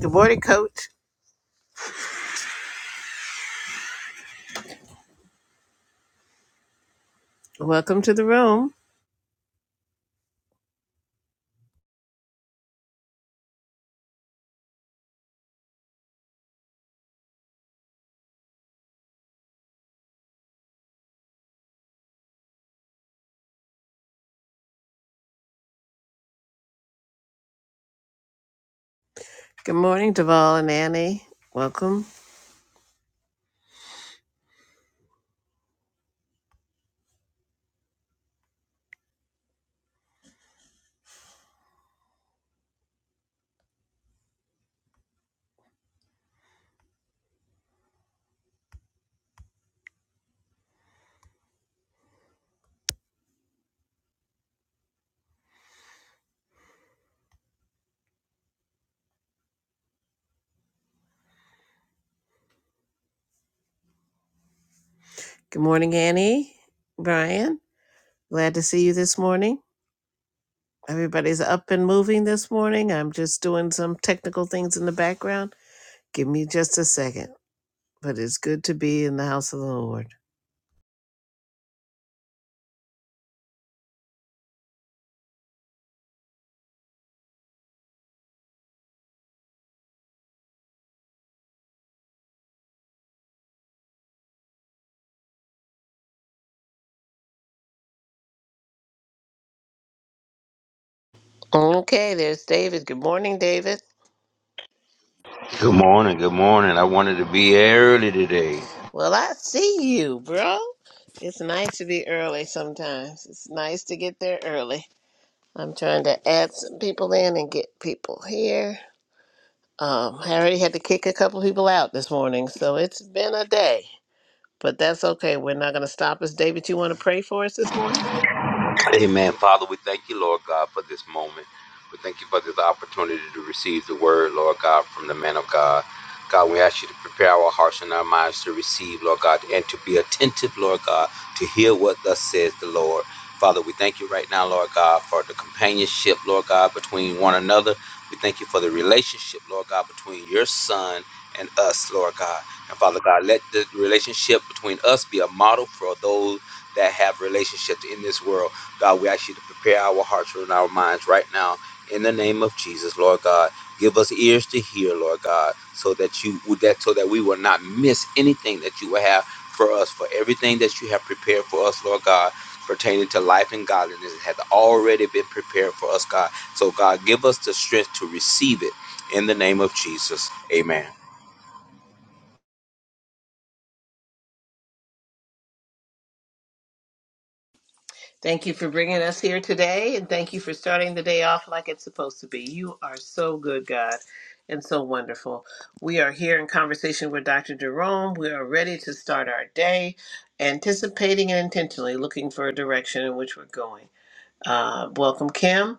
Good morning, Coach. Welcome to the room. Good morning, Deval and Annie. Welcome. Good morning, Annie. Brian, glad to see you this morning. Everybody's up and moving this morning. I'm just doing some technical things in the background. Give me just a second, but it's good to be in the house of the Lord. Okay, there's David. Good morning, David. Good morning, good morning. I wanted to be early today. Well, I see you, bro. It's nice to be early sometimes. It's nice to get there early. I'm trying to add some people in and get people here. Um, I already had to kick a couple people out this morning, so it's been a day. But that's okay. We're not going to stop us. David, you want to pray for us this morning? Amen. Father, we thank you, Lord God, for this moment. We thank you for this opportunity to receive the word, Lord God, from the man of God. God, we ask you to prepare our hearts and our minds to receive, Lord God, and to be attentive, Lord God, to hear what thus says the Lord. Father, we thank you right now, Lord God, for the companionship, Lord God, between one another. We thank you for the relationship, Lord God, between your son and us, Lord God. And Father God, let the relationship between us be a model for those that have relationships in this world. God, we ask you to prepare our hearts and our minds right now in the name of Jesus, Lord God. Give us ears to hear, Lord God, so that you would that so that we will not miss anything that you will have for us, for everything that you have prepared for us, Lord God, pertaining to life and godliness has already been prepared for us, God. So God, give us the strength to receive it in the name of Jesus. Amen. Thank you for bringing us here today, and thank you for starting the day off like it's supposed to be. You are so good, God, and so wonderful. We are here in conversation with Dr. Jerome. We are ready to start our day, anticipating and intentionally looking for a direction in which we're going. Uh, welcome, Kim.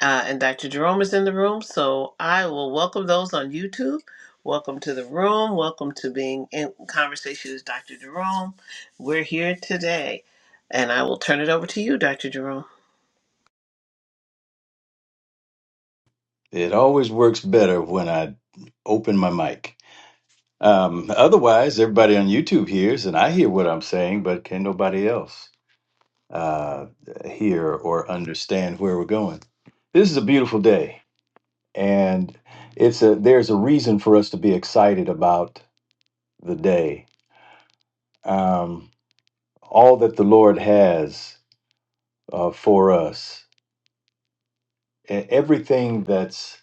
Uh, and Dr. Jerome is in the room, so I will welcome those on YouTube. Welcome to the room. Welcome to being in conversation with Dr. Jerome. We're here today, and I will turn it over to you, Dr. Jerome. It always works better when I open my mic. Um, otherwise, everybody on YouTube hears, and I hear what I'm saying, but can nobody else uh, hear or understand where we're going? This is a beautiful day, and it's a there's a reason for us to be excited about the day. Um, all that the Lord has uh, for us, e- everything that's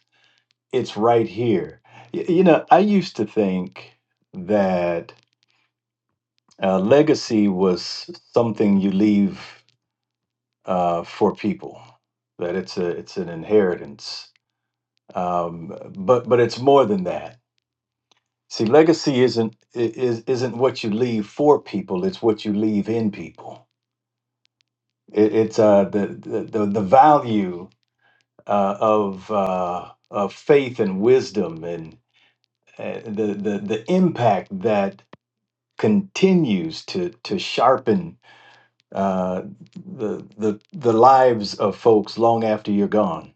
it's right here. Y- you know, I used to think that Uh, legacy was something you leave uh, for people. That it's a it's an inheritance, um, but but it's more than that. See, legacy isn't i- is isn't what you leave for people. It's what you leave in people. It, it's uh, the, the the the value uh, of uh, of faith and wisdom and uh, the the the impact that continues to to sharpen uh, the the the lives of folks long after you're gone.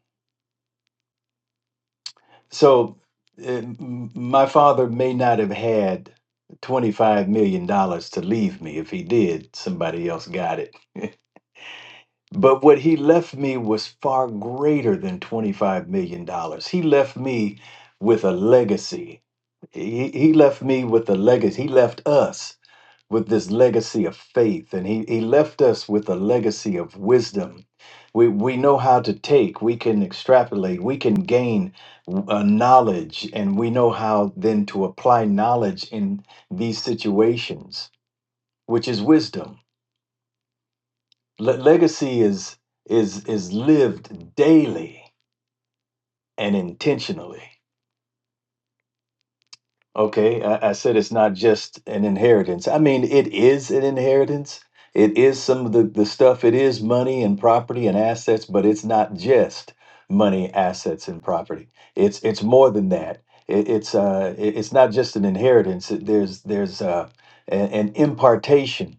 So uh, m- my father may not have had 25 million dollars to leave me. If he did, somebody else got it. But what he left me was far greater than 25 million dollars. He left me with a legacy. He, he left me with a legacy. He left us with this legacy of faith and he, he left us with a legacy of wisdom we, we know how to take we can extrapolate we can gain uh, knowledge and we know how then to apply knowledge in these situations which is wisdom Le- legacy is is is lived daily and intentionally Okay, I, I said it's not just an inheritance. I mean, it is an inheritance. It is some of the, the stuff, it is money and property and assets, but it's not just money, assets, and property. It's it's more than that. It, it's uh it- it's not just an inheritance. It- there's there's uh an, an impartation.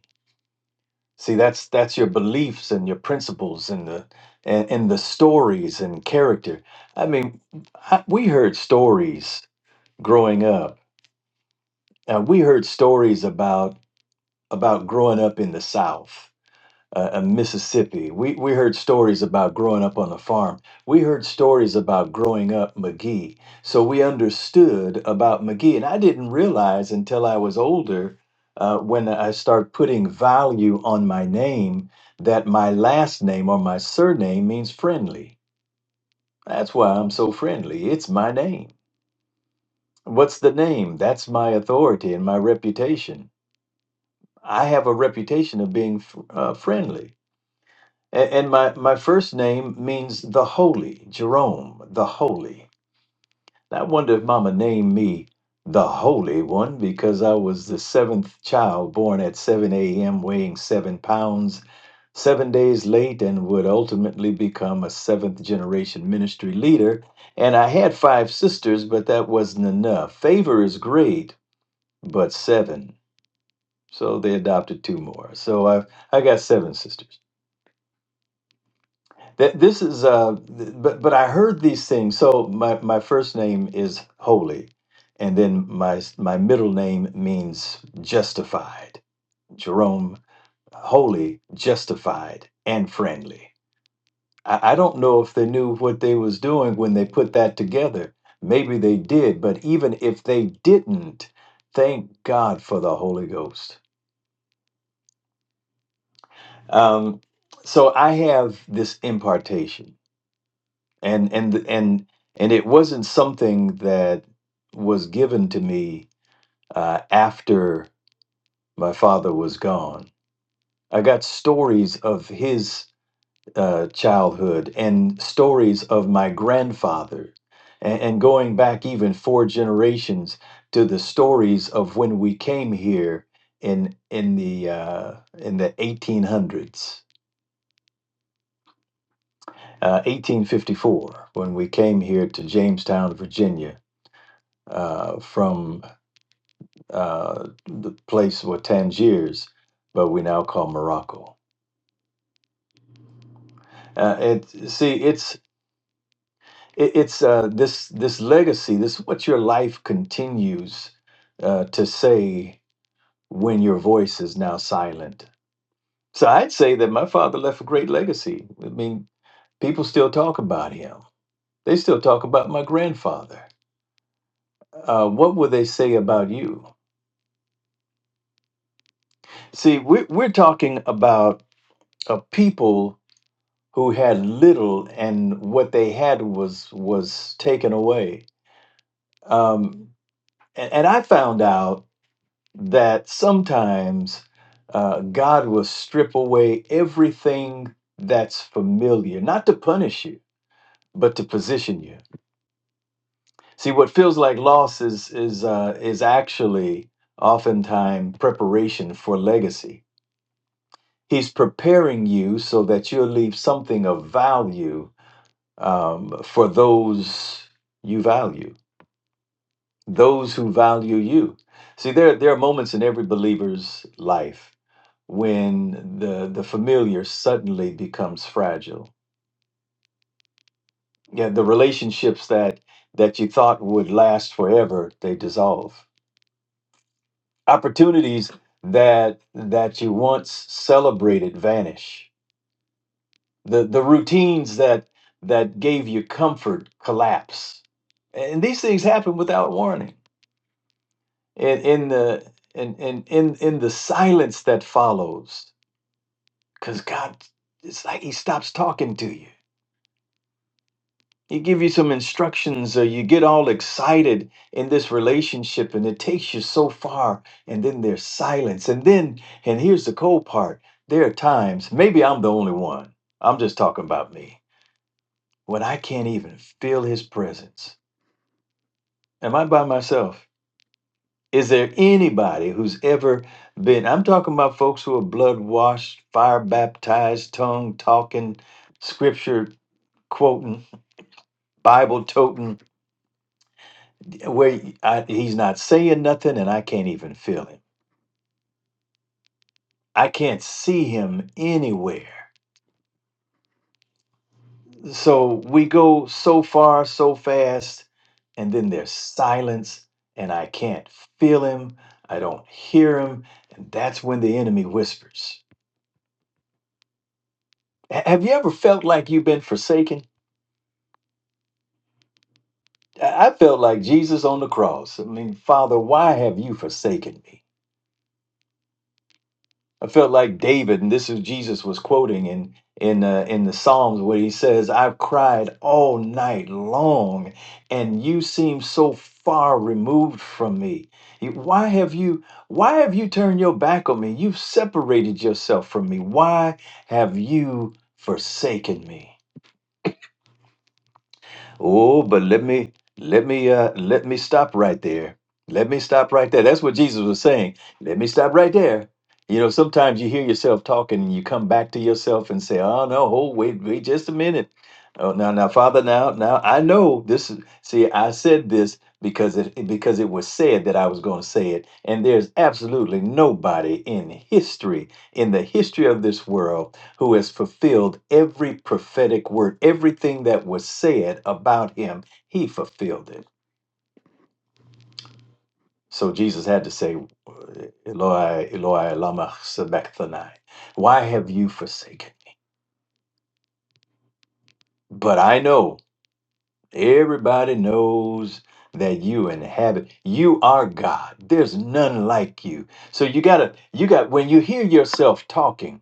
See, that's that's your beliefs and your principles and the and, and the stories and character. I mean, I, we heard stories growing up now, we heard stories about about growing up in the South, uh, uh, Mississippi. We we heard stories about growing up on a farm. We heard stories about growing up McGee. So we understood about McGee, and I didn't realize until I was older, uh, when I start putting value on my name, that my last name or my surname means friendly. That's why I'm so friendly. It's my name. What's the name? That's my authority and my reputation I have a reputation of being fr- uh, friendly. And, and my, my first name means the holy, Jerome, the holy. And I wonder if mama named me the holy one because I was the seventh child born at 7 a.m., weighing seven pounds, seven days late, and would ultimately become a seventh generation ministry leader. And I had five sisters, but that wasn't enough. Favor is great, but seven so they adopted two more. So I've I got seven sisters. That this is uh, th- but but I heard these things. So my my first name is holy, and then my s- my middle name means justified. Jerome holy, justified, and friendly. I, I don't know if they knew what they was doing when they put that together. Maybe they did, but even if they didn't, thank God for the Holy Ghost Um, so I have this impartation, and and and and it wasn't something that was given to me uh, after my father was gone. I got stories of his uh, childhood and stories of my grandfather, and, and going back even four generations to the stories of when we came here in in the uh, in the eighteen hundreds uh, 1854 when we came here to Jamestown, Virginia, uh, from uh, the place where Tangiers, but we now call Morocco. Uh, it see it's it, it's uh, this this legacy. This is what your life continues uh, to say when your voice is now silent. So I'd say that my father left a great legacy. I mean, people still talk about him. They still talk about my grandfather. Uh, what would they say about you? See, we're, we're talking about a people who had little, and what they had was was taken away. Um, and, and I found out that sometimes uh, God will strip away everything that's familiar, not to punish you, but to position you. See, what feels like loss is is uh, is actually oftentimes preparation for legacy He's preparing you so that you'll leave something of value um, for those you value, those who value you. See, there, there are moments in every believer's life when the, the familiar suddenly becomes fragile. Yeah, the relationships that, that you thought would last forever, they dissolve. Opportunities that, that you once celebrated vanish The the routines that that gave you comfort collapse. And these things happen without warning. In in the in in in, in the silence that follows, because God it's like he stops talking to you. He give you some instructions or you get all excited in this relationship and it takes you so far and then there's silence. And then and here's the cold part. There are times, maybe I'm the only one. I'm just talking about me. When I can't even feel his presence Am I by myself? Is there anybody who's ever been? I'm talking about folks who are blood washed, fire baptized, tongue talking, scripture quoting, Bible toting, where I, he's not saying nothing and I can't even feel him. I can't see him anywhere. So we go so far, so fast, and then there's silence and I can't feel him. I don't hear him. And that's when the enemy whispers. Ha- Have you ever felt like you've been forsaken? I I felt like Jesus on the cross. I mean, Father, why have you forsaken me? I felt like David, and this is Jesus was quoting in in uh, in the Psalms where he says, "I've cried all night long, and you seem so far removed from me. You- Why have you Why have you turned your back on me? You've separated yourself from me. Why have you forsaken me?" Oh, but let me let me uh let me stop right there. Let me stop right there. That's what Jesus was saying. Let me stop right there. You know, sometimes you hear yourself talking and you come back to yourself and say, "Oh no, hold wait, wait just a minute." Oh, now now Father, now now I know this is see, I said this because it because it was said that I was going to say it. And there's absolutely nobody in history, in the history of this world who has fulfilled every prophetic word, everything that was said about him, he fulfilled it. So Jesus had to say, Eloi, Eloi, lama sabachthani, why have you forsaken? But I know, everybody knows that you inhabit, you are God. There's none like you. So you gotta, you got, when you hear yourself talking,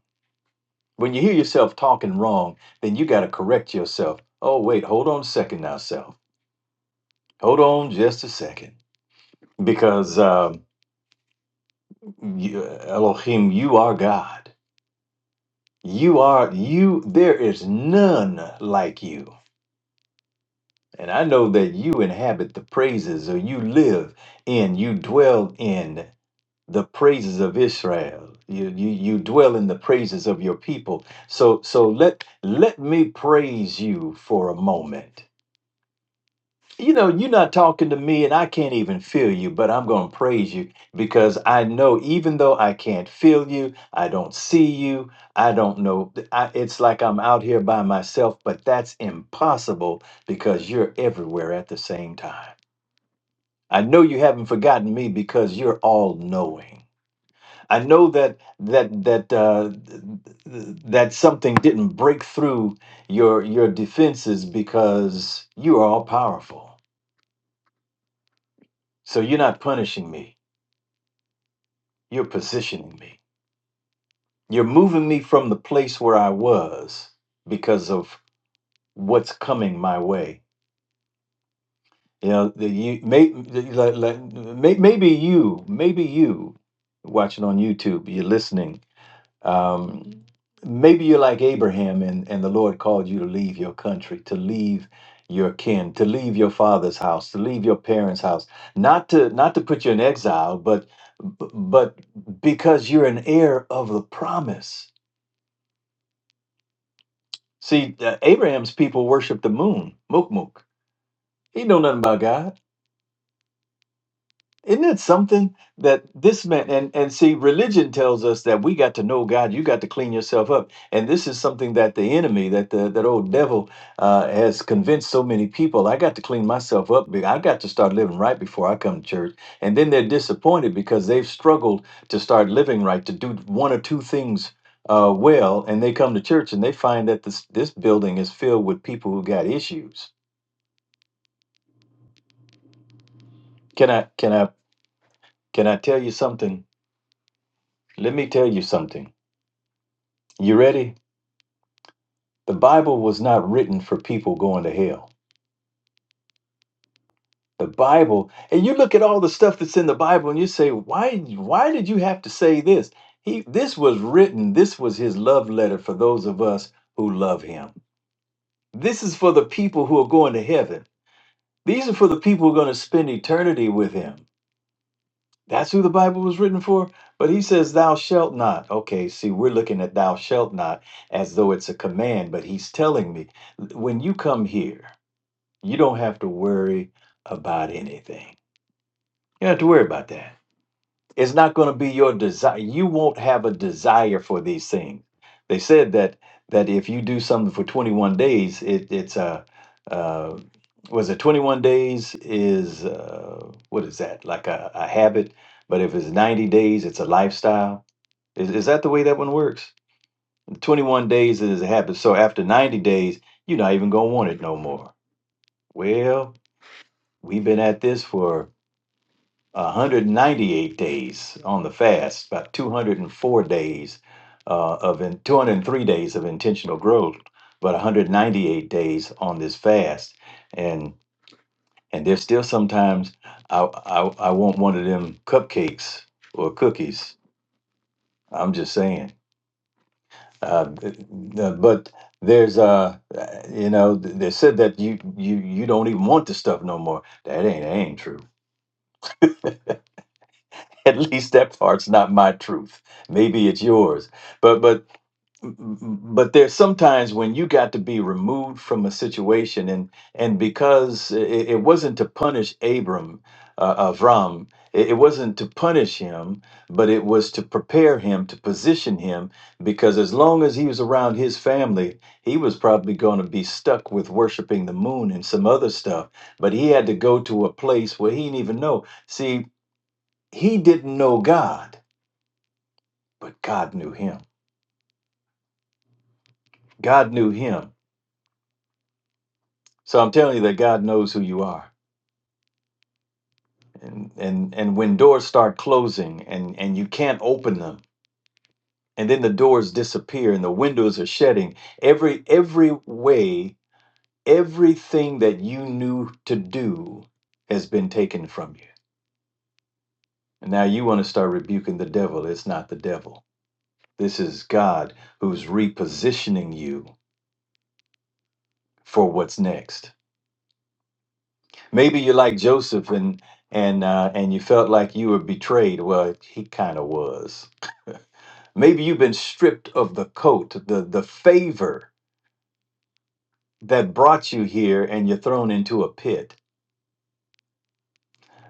when you hear yourself talking wrong, then you gotta correct yourself. Oh, wait, hold on a second now, self Hold on just a second. Because um, you, Elohim, you are God. You are, you, there is none like you. And I know that you inhabit the praises, or you live in, you dwell in the praises of Israel. You, you, you dwell in the praises of your people. So, so let, let me praise you for a moment. you know, you're not talking to me and I can't even feel you, but I'm going to praise you because I know even though I can't feel you, I don't see you, I don't know. I, it's like I'm out here by myself, but that's impossible because you're everywhere at the same time. I know you haven't forgotten me because you're all knowing. I know that that that uh, th- th- that something didn't break through your your defenses because you are all powerful. So you're not punishing me, you're positioning me. You're moving me from the place where I was because of what's coming my way. You know, the, you, may, the- like, like, may, maybe you, maybe you watching on YouTube, you're listening Um, maybe you're like Abraham and, and the Lord called you to leave your country, to leave your kin, to leave your father's house, to leave your parents' house. Not to not to put you in exile, but but because you're an heir of the promise. See, uh, Abraham's people worship the moon, mukmuk. He know nothing about God Isn't it something that this man and and see religion tells us that we got to know God, you got to clean yourself up, and this is something that the enemy, that the that old devil, uh, has convinced so many people. I got to clean myself up. be- I got to start living right before I come to church, and then they're disappointed because they've struggled to start living right, to do one or two things uh, well, and they come to church and they find that this this building is filled with people who got issues. Can I can I can I tell you something? Let me tell you something You ready? The Bible was not written for people going to hell. The Bible, and you look at all the stuff that's in the Bible and you say, why why did you have to say this? He this was written, this was his love letter for those of us who love him. This is for the people who are going to heaven. These are for the people who are going to spend eternity with him. That's who the Bible was written for. But he says, Thou shalt not. Okay, see, we're looking at thou shalt not as though it's a command, but he's telling me, when you come here, You don't have to worry about anything. You don't have to worry about that. It's not going to be your desire. You won't have a desire for these things. They said that that if you do something for 21 days, it, it's a uh, uh, was it 21 days is uh, what is that like a, a habit? But if it's 90 days, it's a lifestyle. Is, is that the way that one works? 21 days is a habit. So after 90 days, you're not even going to want it no more. Well, we've been at this for 198 days on the fast, about 204 days uh, of in, 203 days of intentional growth, but 198 days on this fast, and and there's still sometimes I I, I want one of them cupcakes or cookies. I'm just saying, uh, th- th- but there's uh you know th- they said that you you you don't even want the stuff no more. That ain't that ain't true. at least that part's not my truth maybe it's yours but but but there's sometimes when you got to be removed from a situation and and because it, it wasn't to punish abram uh, avram it, it wasn't to punish him but it was to prepare him to position him because as long as he was around his family he was probably going to be stuck with worshiping the moon and some other stuff but he had to go to a place where he didn't even know see he didn't know God, but God knew him. God knew him. So I'm telling you that God knows who you are. And and and when doors start closing and and you can't open them, and then the doors disappear and the windows are shutting, every every way, everything that you knew to do has been taken from you. And now you want to start rebuking the devil. It's not the devil. This is God who's repositioning you for what's next. Maybe you're like Joseph and and uh, and you felt like you were betrayed. Well, he kind of was. Maybe you've been stripped of the coat, the the favor that brought you here, and you're thrown into a pit.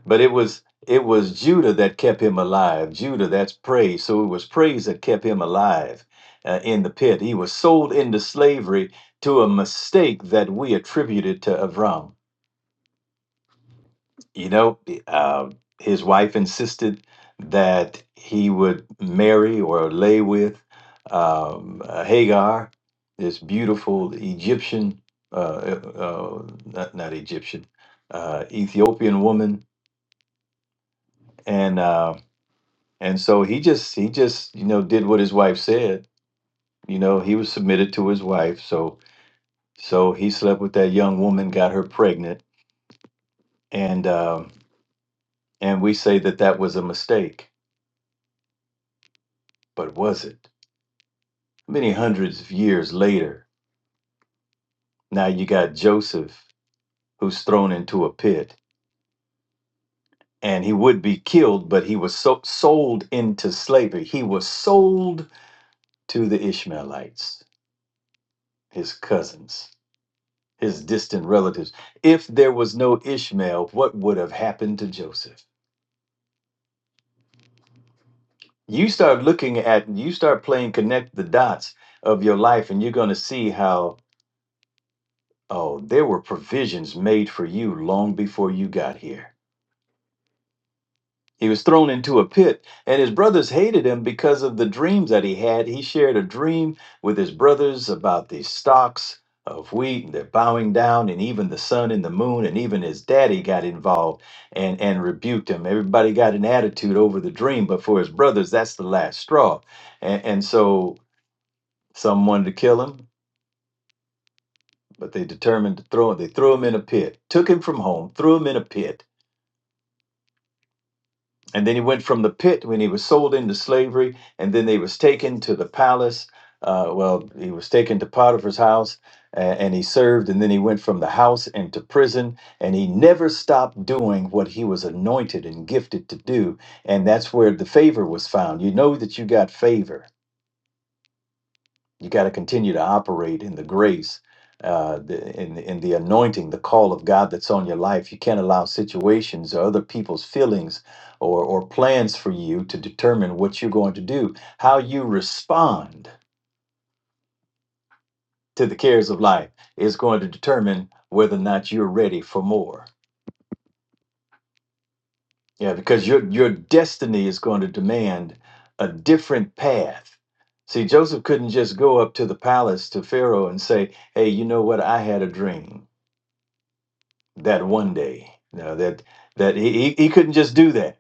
But it was it was Judah that kept him alive. Judah, that's praise. So it was praise that kept him alive uh, in the pit. He was sold into slavery to a mistake that we attributed to Avram You know, eh, uh, his wife insisted that he would marry or lay with um, uh, Hagar, this beautiful Egyptian, uh, uh, not, not Egyptian, uh, Ethiopian woman, and uh, and so he just he just you know did what his wife said. You know, he was submitted to his wife, so so he slept with that young woman, got her pregnant, and um, and we say that that was a mistake, but was it? Many hundreds of years later, now you got Joseph who's thrown into a pit and he would be killed, but he was so- sold into slavery. He was sold to the Ishmaelites, his cousins, his distant relatives. If there was no Ishmael, what would have happened to Joseph? You start looking at, you start playing connect the dots of your life, and you're going to see how, oh, there were provisions made for you long before you got here He was thrown into a pit, and his brothers hated him because of the dreams that he had. He shared a dream with his brothers about these stalks of wheat, and they're bowing down, and even the sun and the moon, and even his daddy got involved and, and rebuked him. Everybody got an attitude over the dream, but for his brothers, that's the last straw. And, and so some wanted to kill him, but they determined to throw him. They threw him in a pit, took him from home, threw him in a pit and then he went from the pit when he was sold into slavery and then he was taken to the palace uh, well he was taken to potiphar's house a- and he served and then he went from the house into prison and he never stopped doing what he was anointed and gifted to do and that's where the favor was found you know that you got favor you got to continue to operate in the grace uh the, in in the anointing the call of God that's on your life you can't allow situations or other people's feelings or or plans for you to determine what you're going to do how you respond to the cares of life is going to determine whether or not you're ready for more yeah because your your destiny is going to demand a different path see Joseph couldn't just go up to the palace to Pharaoh and say hey you know what I had a dream that one day. now that that he, he he couldn't just do that.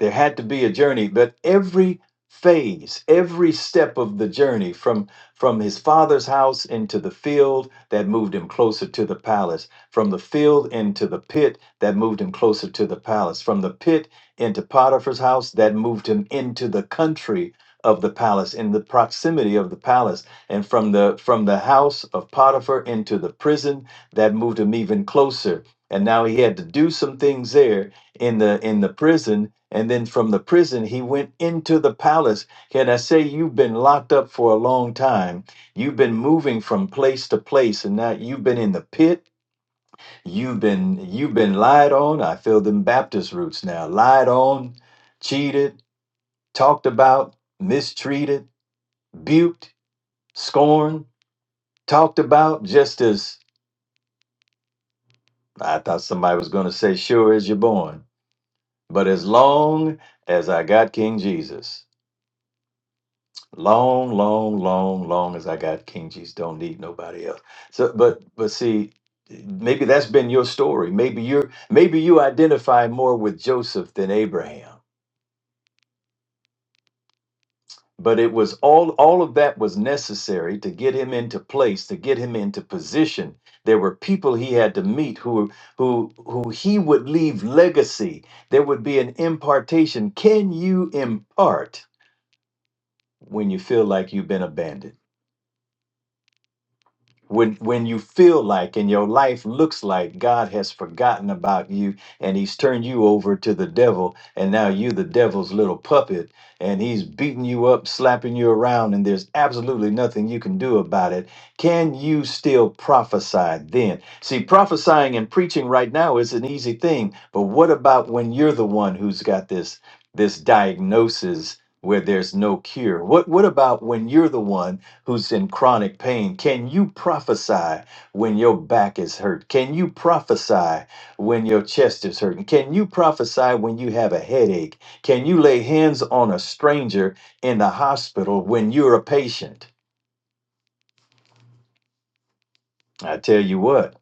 There had to be a journey, but every phase, every step of the journey from from his father's house into the field that moved him closer to the palace, from the field into the pit that moved him closer to the palace, from the pit into Potiphar's house that moved him into the country of the palace in the proximity of the palace and from the from the house of Potiphar into the prison that moved him even closer and now he had to do some things there in the in the prison and then from the prison, he went into the palace. Can I say you've been locked up for a long time? You've been moving from place to place, and now you've been in the pit. You've been you've been lied on. I feel them Baptist roots now. Lied on, cheated, talked about, mistreated, buked, scorned, talked about. Just as I thought somebody was going to say, "Sure as you're born," but as long as I got King Jesus. long, long, long, long as I got King Jesus, don't need nobody else. So, but but see, maybe that's been your story. Maybe you're maybe you identify more with Joseph than Abraham. But it was all all of that was necessary to get him into place, to get him into position. There were people he had to meet who who who he would leave legacy. There would be an impartation. Can you impart when you feel like you've been abandoned? when when you feel like and your life looks like God has forgotten about you and he's turned you over to the devil and now you're the devil's little puppet and he's beating you up slapping you around and there's absolutely nothing you can do about it can you still prophesy then see prophesying and preaching right now is an easy thing but what about when you're the one who's got this this diagnosis where there's no cure what what about when you're the one who's in chronic pain, can you prophesy when your back is hurt? Can you prophesy when your chest is hurting? Can you prophesy when you have a headache? Can you lay hands on a stranger in the hospital when you're a patient? I tell you what,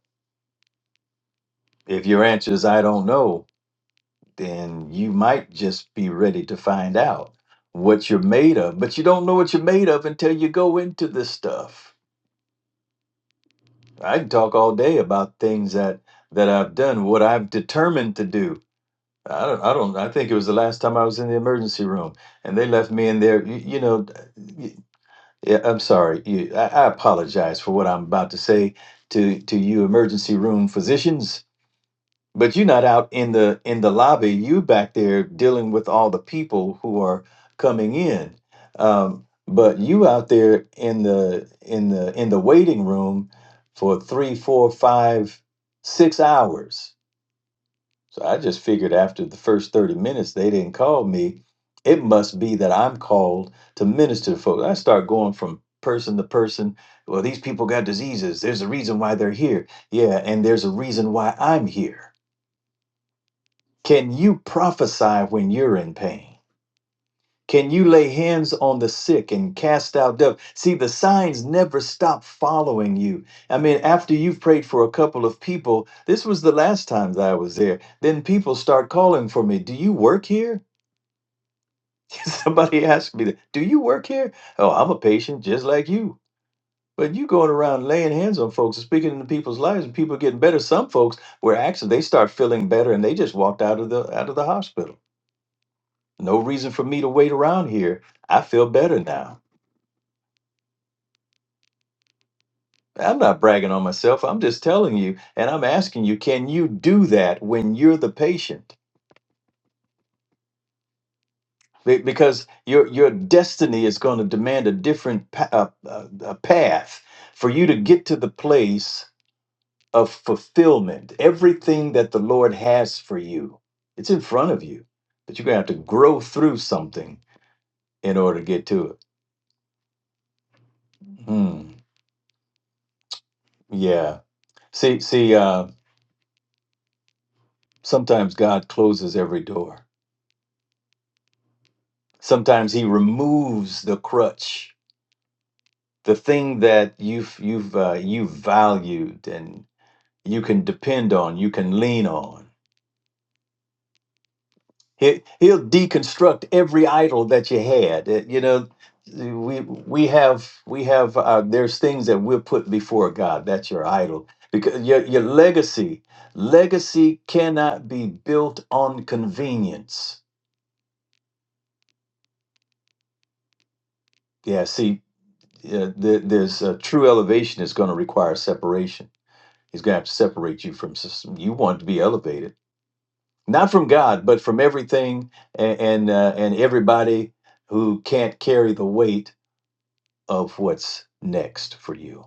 if your answer is I don't know, then you might just be ready to find out what you're made of, but you don't know what you're made of until you go into this stuff. I can talk all day about things that that I've done, what I've determined to do. I don't, I don't. I think it was the last time I was in the emergency room, and they left me in there. You, you know, y- yeah. I'm sorry. You, I, I apologize for what I'm about to say to to you, emergency room physicians but you're not out in the in the lobby you back there dealing with all the people who are coming in um, but you out there in the in the in the waiting room for three four five six hours so i just figured after the first 30 minutes they didn't call me it must be that i'm called to minister to folks i start going from person to person well these people got diseases there's a reason why they're here yeah and there's a reason why i'm here can you prophesy when you're in pain? Can you lay hands on the sick and cast out devils? See, the signs never stop following you. I mean, after you've prayed for a couple of people, this was the last time that I was there. Then people start calling for me. Do you work here? Somebody asked me, that, Do you work here? Oh, I'm a patient just like you. But you going around laying hands on folks and speaking into people's lives and people getting better. Some folks were actually they start feeling better and they just walked out of the out of the hospital. No reason for me to wait around here. I feel better now. I'm not bragging on myself. I'm just telling you, and I'm asking you, can you do that when you're the patient? Be- Because your your destiny is going to demand a different pa- uh, uh, uh, path for you to get to the place of fulfillment. Everything that the Lord has for you, it's in front of you, but you're gonna have to grow through something in order to get to it. Hmm. Yeah. See. See. uh, Sometimes God closes every door. Sometimes He removes the crutch, the thing that you've you've uh, you valued and you can depend on, you can lean on. He, he'll deconstruct every idol that you had. Uh, You know, we we have we have uh, there's things that we'll put before God. That's your idol because your your legacy legacy cannot be built on convenience. Yeah, see, uh, there, there's a true elevation is going to require separation. He's going to have to separate you from s- you want to be elevated, not from God, but from everything and and, uh, and everybody who can't carry the weight of what's next for you.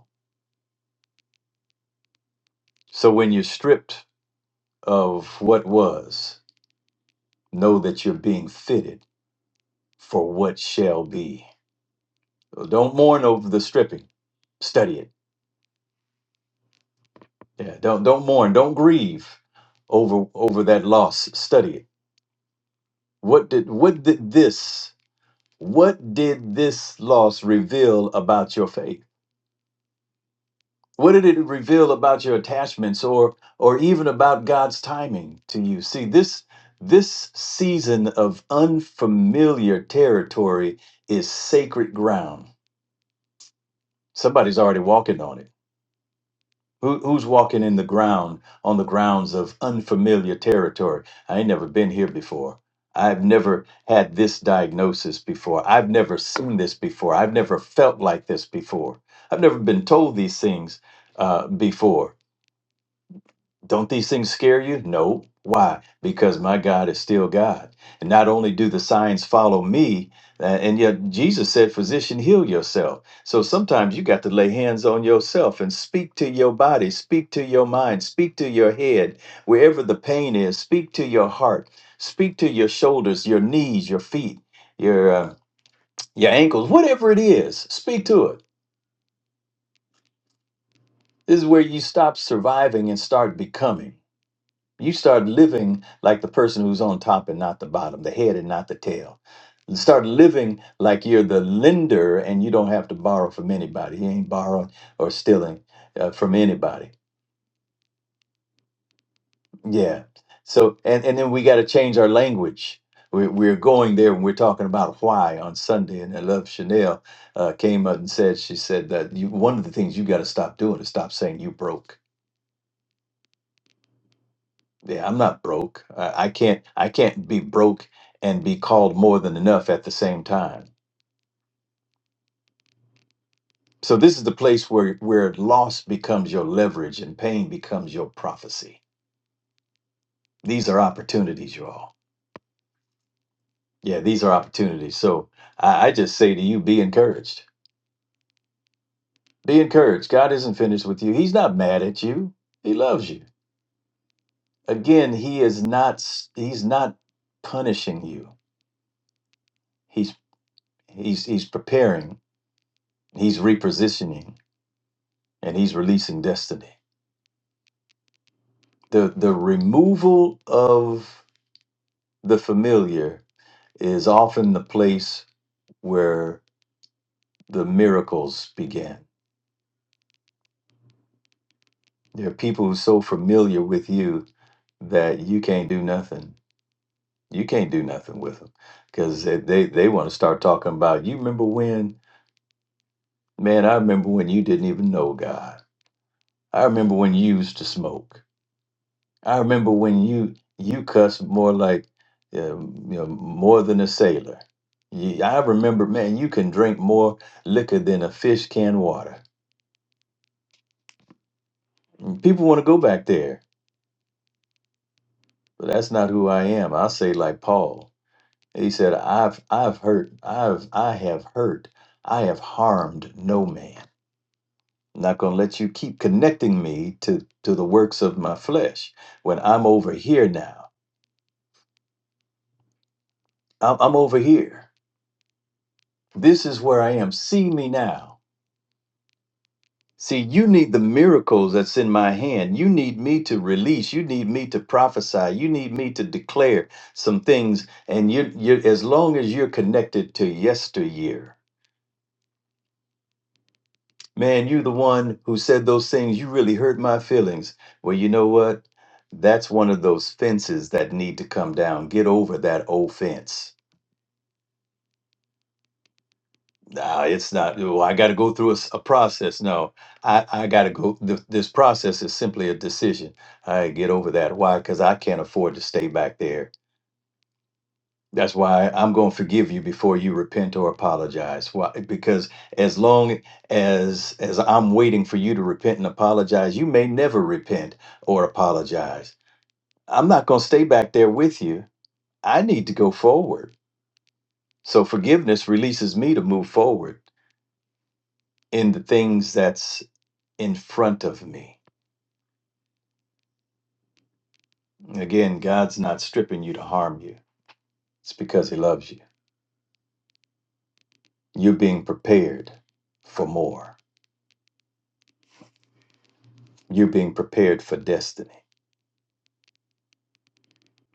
So when you're stripped of what was, know that you're being fitted for what shall be. Don't mourn over the stripping. Study it. Yeah. Don't don't mourn. Don't grieve over over that loss. Study it What did what did this what did this loss reveal about your faith? What did it reveal about your attachments or or even about God's timing to you? See, this this season of unfamiliar territory is sacred ground. Somebody's already walking on it. Who, who's walking in the ground on the grounds of unfamiliar territory? I ain't never been here before. I've never had this diagnosis before. I've never seen this before. I've never felt like this before. I've never been told these things uh, before. Don't these things scare you? No. Why? Because my God is still God. And not only do the signs follow me, uh, and yet Jesus said, Physician, heal yourself. So sometimes you got to lay hands on yourself and speak to your body, speak to your mind, speak to your head, wherever the pain is, speak to your heart, speak to your shoulders, your knees, your feet, your, uh, your ankles, whatever it is, speak to it. This is where you stop surviving and start becoming. You start living like the person who's on top and not the bottom, the head and not the tail. Start living like you're the lender and you don't have to borrow from anybody. You ain't borrowing or stealing uh, from anybody. Yeah. So, and, and then we got to change our language. We're, we're going there and we're talking about why on Sunday. And I love Chanel uh, came up and said, she said that you, one of the things you got to stop doing is stop saying you broke Yeah, I'm not broke. I, I can't I can't be broke and be called more than enough at the same time. So this is the place where where loss becomes your leverage and pain becomes your prophecy. These are opportunities, you all. Yeah, these are opportunities. So I, I just say to you, be encouraged. Be encouraged. God isn't finished with you. He's not mad at you. He loves you. Again, he is not s- he's not punishing you. He's he's he's preparing. He's repositioning and he's releasing destiny. The the removal of the familiar is often the place where the miracles begin. There are people who are so familiar with you that you can't do nothing. You can't do nothing with them because they, they, they want to start talking about, you remember when, man, I remember when you didn't even know God. I remember when you used to smoke. I remember when you you cussed more like uh, you know more than a sailor. You, I remember, man, you can drink more liquor than a fish can water. And People want to go back there, but that's not who I am. I say like Paul. He said, "I've I've hurt, I've I have hurt, I have harmed no man. I'm not going to let you keep connecting me to to the works of my flesh when I'm over here now. I'm, I'm over here. This is where I am. See me now." See, you need the miracles that's in my hand. You need me to release. You need me to prophesy. You need me to declare some things. And you, you as long as you're connected to yesteryear, man, you're the one who said those things. You really hurt my feelings. Well, you know what? That's one of those fences that need to come down. Get over that old fence No, it's not. Well, I got to go through a, s- a process. No, I, I got to go. Th- this process is simply a decision. I get over that. Why? Because I can't afford to stay back there. That's why I'm going to forgive you before you repent or apologize. Why? Because as long as as I'm waiting for you to repent and apologize, you may never repent or apologize. I'm not going to stay back there with you. I need to go forward. So forgiveness releases me to move forward in the things that's in front of me. Again, God's not stripping you to harm you. It's because He loves you. You're being prepared for more. You're being prepared for destiny.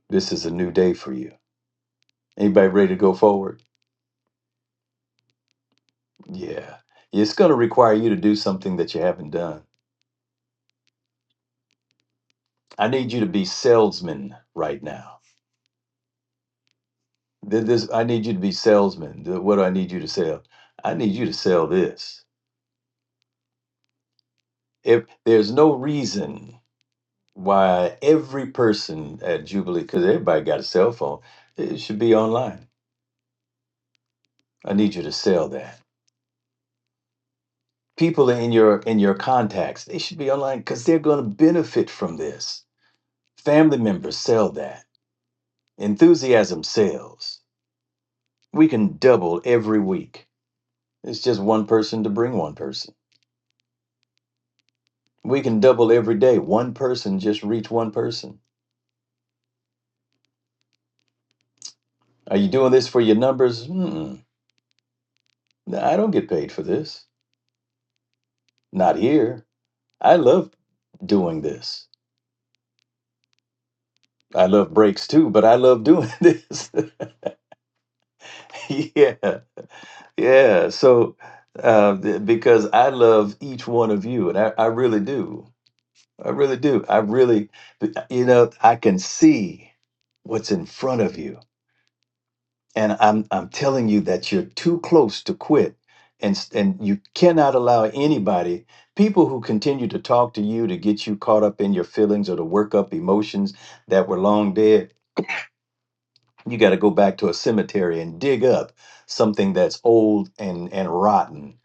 This is a new day for you. Anybody ready to go forward? Yeah. It's going to require you to do something that you haven't done. I need you to be salesman right now. Th- This, I need you to be salesman. Th- What do I need you to sell? I need you to sell this. If there's no reason why every person at Jubilee, because everybody got a cell phone, it should be online. I need you to sell that. People in your in your contacts, they should be online because they're going to benefit from this. Family members sell that. Enthusiasm sells. We can double every week. It's just one person to bring one person. We can double every day. One person just reach one person. Are you doing this for your numbers? Mm-mm. No, I don't get paid for this. Not here. I love doing this I love breaks too, but I love doing this. yeah, yeah. So, uh, th- because I love each one of you, and I, I really do. I really do. I really, but, uh, you know, I can see what's in front of you, and I'm I'm telling you that you're too close to quit, and s- and you cannot allow anybody, people who continue to talk to you to get you caught up in your feelings or to work up emotions that were long dead you got to go back to a cemetery and dig up something that's old and and rotten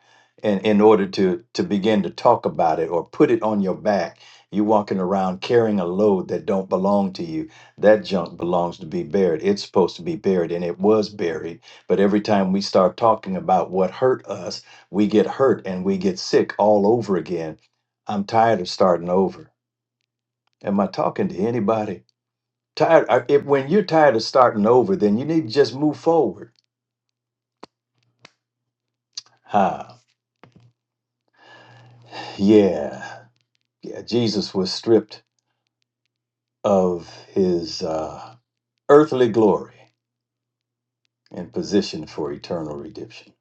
and in order to to begin to talk about it or put it on your back you walking around carrying a load that don't belong to you that junk belongs to be buried it's supposed to be buried and it was buried but every time we start talking about what hurt us we get hurt and we get sick all over again i'm tired of starting over am i talking to anybody Tired. uh, If, when you're tired of starting over, then you need to just move forward. Huh. Yeah. Yeah. Jesus was stripped of his uh, earthly glory and positioned for eternal redemption.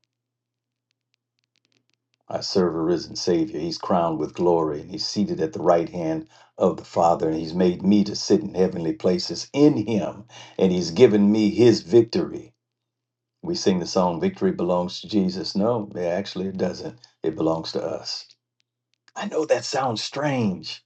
I serve a risen Savior. He's crowned with glory and he's seated at the right hand of the Father, and he's made me to sit in heavenly places in him, and he's given me his victory. We sing the song, Victory Belongs to Jesus. No, actually, it doesn't. It belongs to us. I know that sounds strange,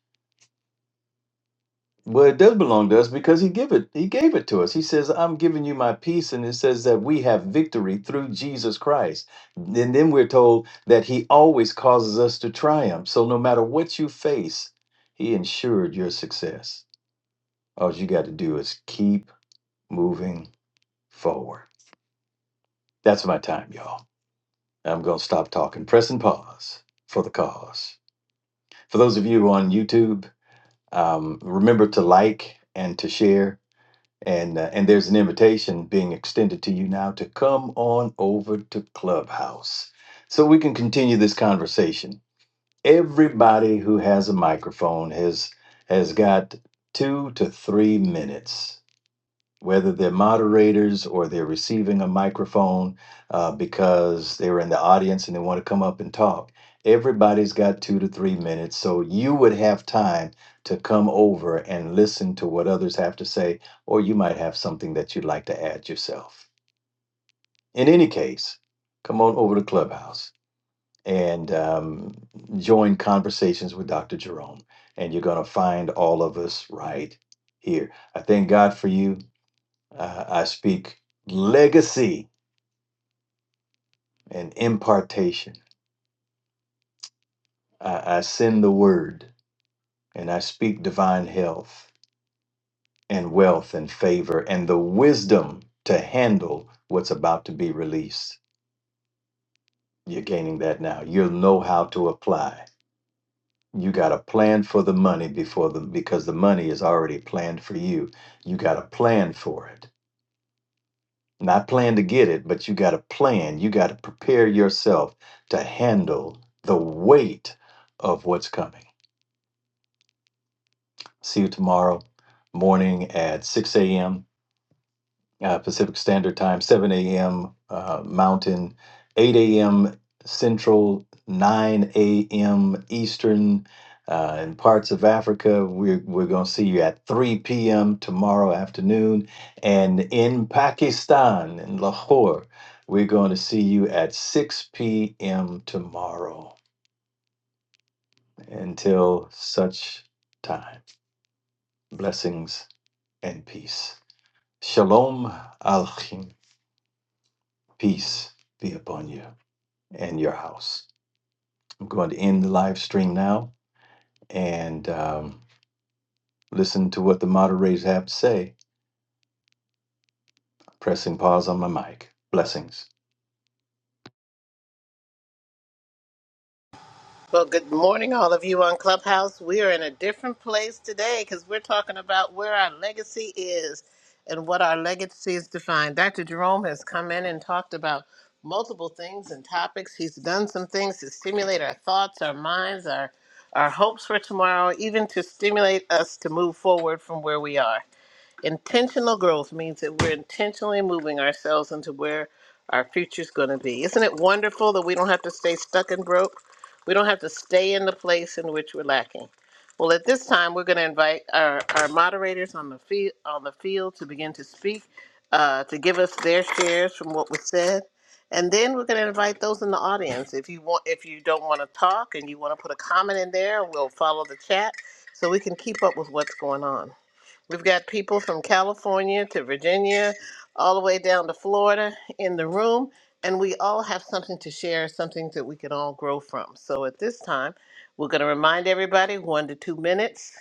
but it does belong to us because he give it. He gave it to us. He says, "I'm giving you my peace," and it says that we have victory through Jesus Christ. And then we're told that He always causes us to triumph. So no matter what you face, He ensured your success. All you got to do is keep moving forward. That's my time, y'all. I'm gonna stop talking. Press and pause for the cause. For those of you on YouTube, um, remember to like and to share and uh, and there's an invitation being extended to you now to come on over to clubhouse so we can continue this conversation everybody who has a microphone has has got two to three minutes whether they're moderators or they're receiving a microphone uh, because they were in the audience and they want to come up and talk. Everybody's got two to three minutes, so you would have time to come over and listen to what others have to say, or you might have something that you'd like to add yourself. In any case, come on over to Clubhouse and um, join conversations with Dr. Jerome, and you're going to find all of us right here. I thank God for you. I, I speak legacy and impartation. I, I send the word and I speak divine health and wealth and favor and the wisdom to handle what's about to be released. You're gaining that now. You'll know how to apply. You got a plan for the money before the because the money is already planned for you. You got a plan for it Not plan to get it, but you got to plan. You got to prepare yourself to handle the weight of what's coming. See you tomorrow morning at 6 a.m. uh, Pacific Standard Time, 7 a.m. Uh, Mountain, 8 a.m. Central, 9 a.m. Eastern. Uh, in parts of Africa, we're, we're going to see you at 3 p.m. tomorrow afternoon. And in Pakistan, in Lahore, we're going to see you at 6 p.m. tomorrow. Until such time, blessings and peace. Shalom Alchim. Peace be upon you. and your house. I'm going to end the live stream now and um, listen to what the moderators have to say. Pressing pause on my mic. Blessings. Well, good morning, all of you on Clubhouse. We are in a different place today because we're talking about where our legacy is and what our legacy is defined. Dr. Jerome has come in and talked about multiple things and topics. He's done some things to stimulate our thoughts, our minds, our our hopes for tomorrow, even to stimulate us to move forward from where we are. Intentional growth means that we're intentionally moving ourselves into where our future's going to be. Isn't it wonderful that we don't have to stay stuck and broke? We don't have to stay in the place in which we're lacking. Well, at this time, we're going to invite our, our moderators on the field on the field to begin to speak, uh, to give us their shares from what was said, and then we're going to invite those in the audience. If you want, if you don't want to talk and you want to put a comment in there, we'll follow the chat so we can keep up with what's going on. We've got people from California to Virginia, all the way down to Florida in the room, and we all have something to share, something that we can all grow from. So at this time, we're going to remind everybody one to two minutes.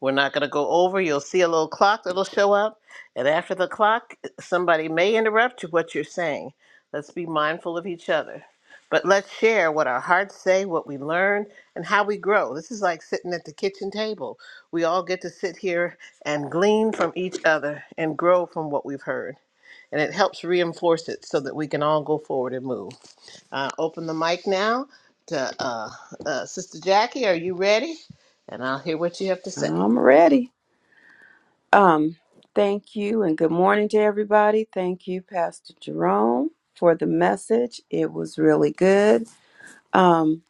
We're not going to go over. You'll see a little clock that'll show up. And after the clock, somebody may interrupt you what you're saying. Let's be mindful of each other. But let's share what our hearts say, what we learn, and how we grow. This is like sitting at the kitchen table. We all get to sit here and glean from each other and grow from what we've heard. And it helps reinforce it so that we can all go forward and move. Uh, open the mic now to uh, uh, Sister Jackie. Are you ready? And I'll hear what you have to say. I'm ready. Um, thank you and good morning to everybody. Thank you, Pastor Jerome, for the message. It was really good. Um,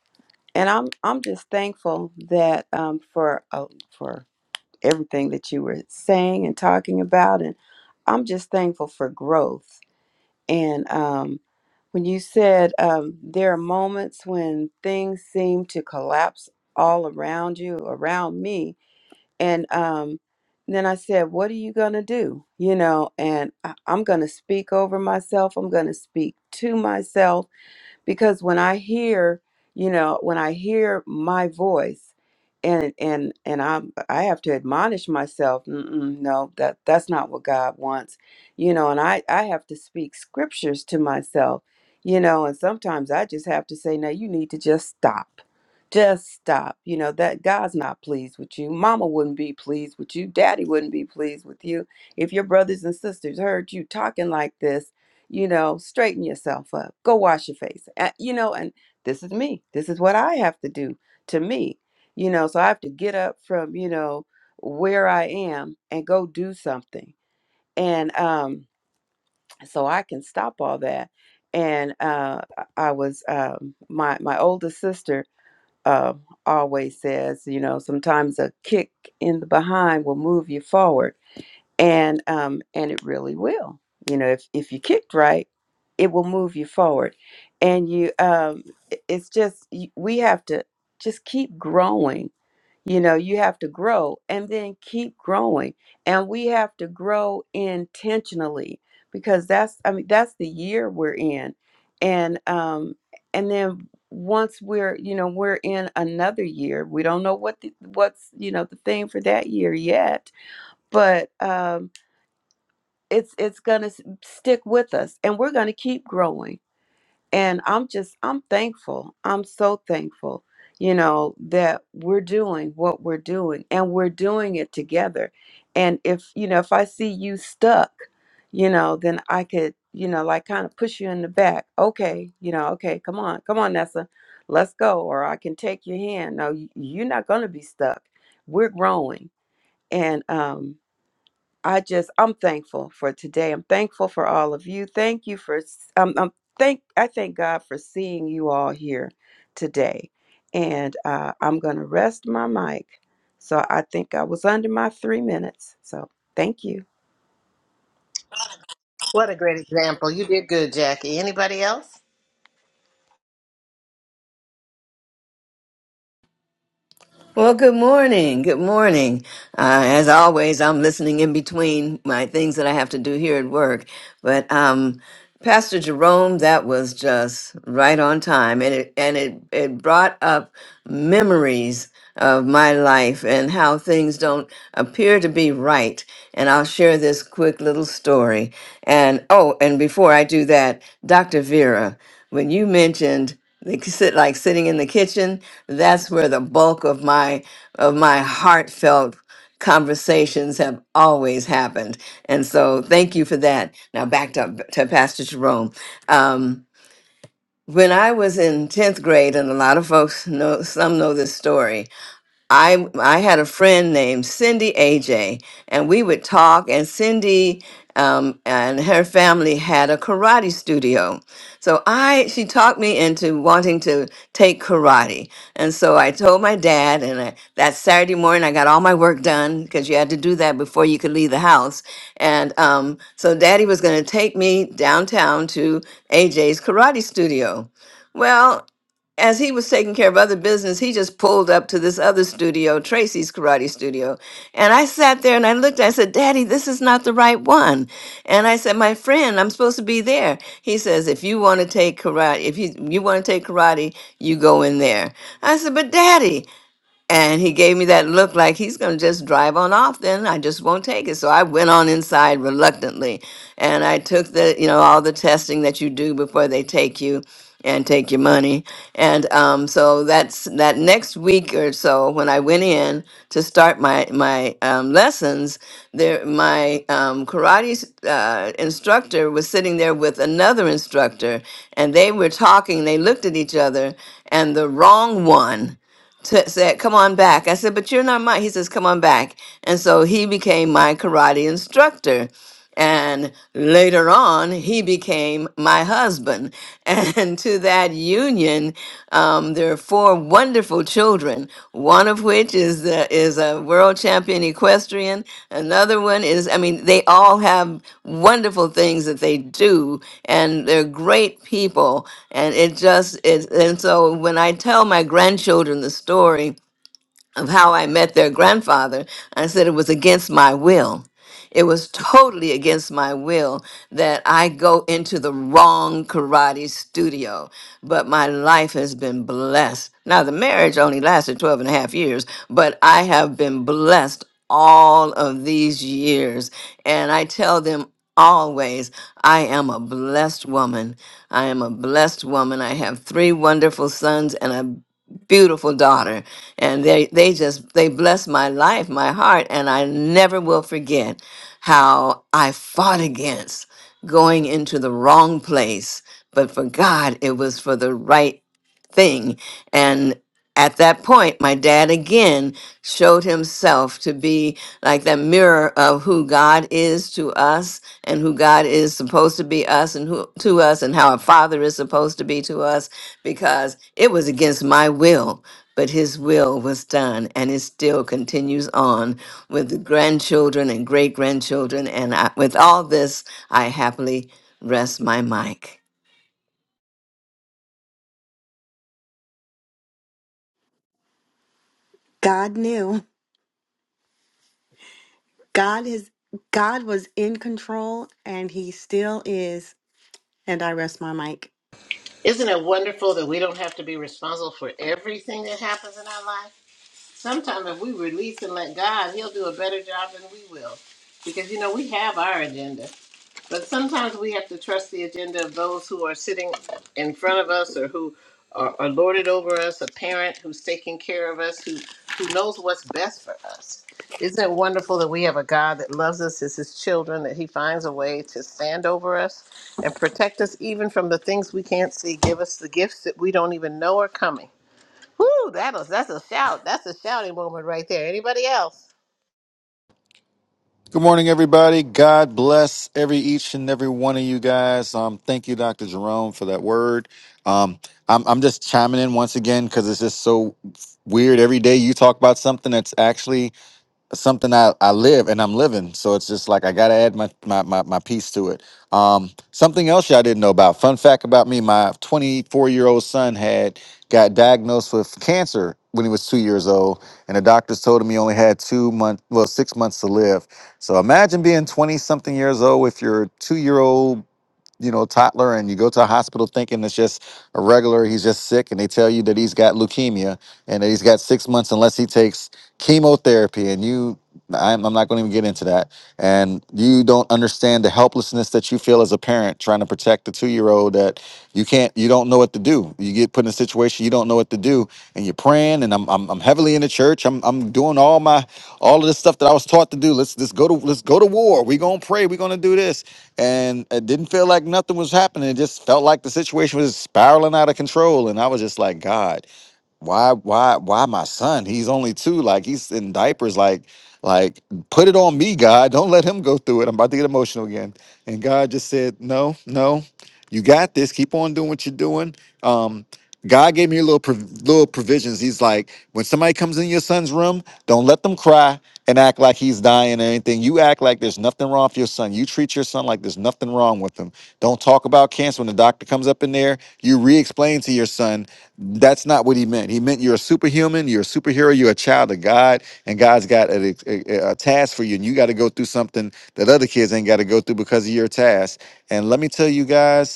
and I'm I'm just thankful that um for uh, for everything that you were saying and talking about, and I'm just thankful for growth. And um, when you said um, there are moments when things seem to collapse all around you, around me, and um, then I said, What are you going to do? You know, and I, I'm going to speak over myself. I'm going to speak to myself because when I hear, you know, when I hear my voice and and and I I have to admonish myself, Mm-mm, no, that that's not what God wants. You know, and I I have to speak scriptures to myself, you know, and sometimes I just have to say, "Now you need to just stop." Just stop. You know, that God's not pleased with you. Mama wouldn't be pleased with you. Daddy wouldn't be pleased with you if your brothers and sisters heard you talking like this you know straighten yourself up go wash your face Uh, you know and this is me this is what i have to do to me you know so i have to get up from you know where i am and go do something and um so i can stop all that and uh i I was um my my older sister uh, always says you know sometimes a kick in the behind will move you forward and um and it really will you know if if you kicked right it will move you forward and you um i- it's just y- we have to just keep growing you know you have to grow and then keep growing and we have to grow intentionally because that's i mean that's the year we're in and um and then once we're you know we're in another year we don't know what the, what's you know the thing for that year yet but um it's it's going to stick with us and we're going to keep growing and i'm just i'm thankful i'm so thankful you know that we're doing what we're doing and we're doing it together and if you know if i see you stuck you know then i could you know like kind of push you in the back okay you know okay come on come on nessa let's go or i can take your hand no y- you're not going to be stuck we're growing and um I just I'm thankful for today. I'm thankful for all of you. Thank you for s- um, um thank I thank God for seeing you all here today. And uh, I'm gonna rest my mic. So I think I was under my three minutes. So thank you. What a great example. You did good, Jackie. Anybody else? Well, good morning. Good morning. Uh, as always, I'm listening in between my things that I have to do here at work. But um, Pastor Jerome, that was just right on time, and it and it it brought up memories of my life and how things don't appear to be right. And I'll share this quick little story. And oh, and before I do that, Dr. Vera, when you mentioned like sit like sitting in the kitchen that's where the bulk of my of my heartfelt conversations have always happened and so thank you for that now back to, to pastor jerome um, when i was in 10th grade and a lot of folks know some know this story I I had a friend named Cindy AJ, and we would talk. And Cindy um, and her family had a karate studio, so I she talked me into wanting to take karate. And so I told my dad, and I, that Saturday morning I got all my work done because you had to do that before you could leave the house. And um, so Daddy was going to take me downtown to AJ's karate studio. Well, as he was taking care of other business, he just pulled up to this other studio, Tracy's Karate Studio. And I sat there and I looked, I said, Daddy, this is not the right one. And I said, My friend, I'm supposed to be there. He says, If you want to take karate, if you, you want to take karate, you go in there. I said, But Daddy, and he gave me that look like he's going to just drive on off then. I just won't take it. So I went on inside reluctantly. And I took the, you know, all the testing that you do before they take you and take your money. And um, so that's that next week or so when I went in to start my, my um, lessons, there, my um, karate uh, instructor was sitting there with another instructor and they were talking. They looked at each other and the wrong one t- said, "Come on back." I said, "But you're not my." He says, "Come on back," and so he became my karate instructor. And later on, he became my husband. And to that union, um, there are four wonderful children women. One of which is uh, is a world champion equestrian. Another one is, I mean, they all have wonderful things that they do, and they're great people. And it just is. And so when I tell my grandchildren the story of how I met their grandfather, I said it was against my will. It was totally against my will that I go into the wrong karate studio, but my life has been blessed. Now, the marriage only lasted 12 and a half years, but I have been blessed all of these years. And I tell them always, I am a blessed woman. I am a blessed woman. I have three wonderful sons and a beautiful daughter and they they just they blessed my life my heart and i never will forget how i fought against going into the wrong place but for god it was for the right thing at that point, my dad again showed himself to be like that mirror of who God is to us and who God is supposed to be us and who to us and how a father is supposed to be to us because it was against my will, but his will was done and it still continues on with the grandchildren and great grandchildren. And I, with all this, I happily rest my mic. God knew. God is God was in control and he still is. And I rest my mic. Isn't it wonderful that we don't have to be responsible for everything that happens in our life? Sometimes if we release and let God, He'll do a better job than we will. Because, you know, we have our agenda. But sometimes we have to trust the agenda of those who are sitting in front of us or who are, are lorded over us, a parent who's taking care of us, who, who knows what's best for us. Isn't it wonderful that we have a God that loves us as his children, that he finds a way to stand over us and protect us even from the things we can't see, give us the gifts that we don't even know are coming. Whoo, that'll that's a shout. That's a shouting moment right there. Anybody else? Good morning, everybody. God bless every each and every one of you guys. Um, thank you, Dr. Jerome, for that word. Um, I'm, I'm just chiming in once again because it's just so weird. Every day you talk about something that's actually something I, I live and I'm living. So it's just like I gotta add my my my, my piece to it. Um, something else y'all didn't know about. Fun fact about me: my 24 year old son had got diagnosed with cancer when he was two years old, and the doctors told him he only had two months, well, six months to live. So imagine being 20 something years old with your two year old you know, toddler and you go to a hospital thinking it's just a regular, he's just sick, and they tell you that he's got leukemia and that he's got six months unless he takes chemotherapy. And you, I'm, I'm not going to even get into that. And you don't understand the helplessness that you feel as a parent trying to protect the two year old that you can't, you don't know what to do. You get put in a situation you don't know what to do, and you're praying. And I'm, I'm, I'm heavily in the church. I'm, I'm doing all my, all of this stuff that I was taught to do. Let's, let's go to, let's go to war. We're going to pray. We're going to do this and it didn't feel like nothing was happening. It just felt like the situation was spiraling out of control. And I was just like, God why why why my son he's only two like he's in diapers like like put it on me god don't let him go through it i'm about to get emotional again and god just said no no you got this keep on doing what you're doing um god gave me little prov- little provisions he's like when somebody comes in your son's room don't let them cry and act like he's dying or anything you act like there's nothing wrong with your son you treat your son like there's nothing wrong with him don't talk about cancer when the doctor comes up in there you re-explain to your son that's not what he meant. He meant you're a superhuman, you're a superhero, you're a child of God, and God's got a, a, a task for you, and you got to go through something that other kids ain't got to go through because of your task. And let me tell you guys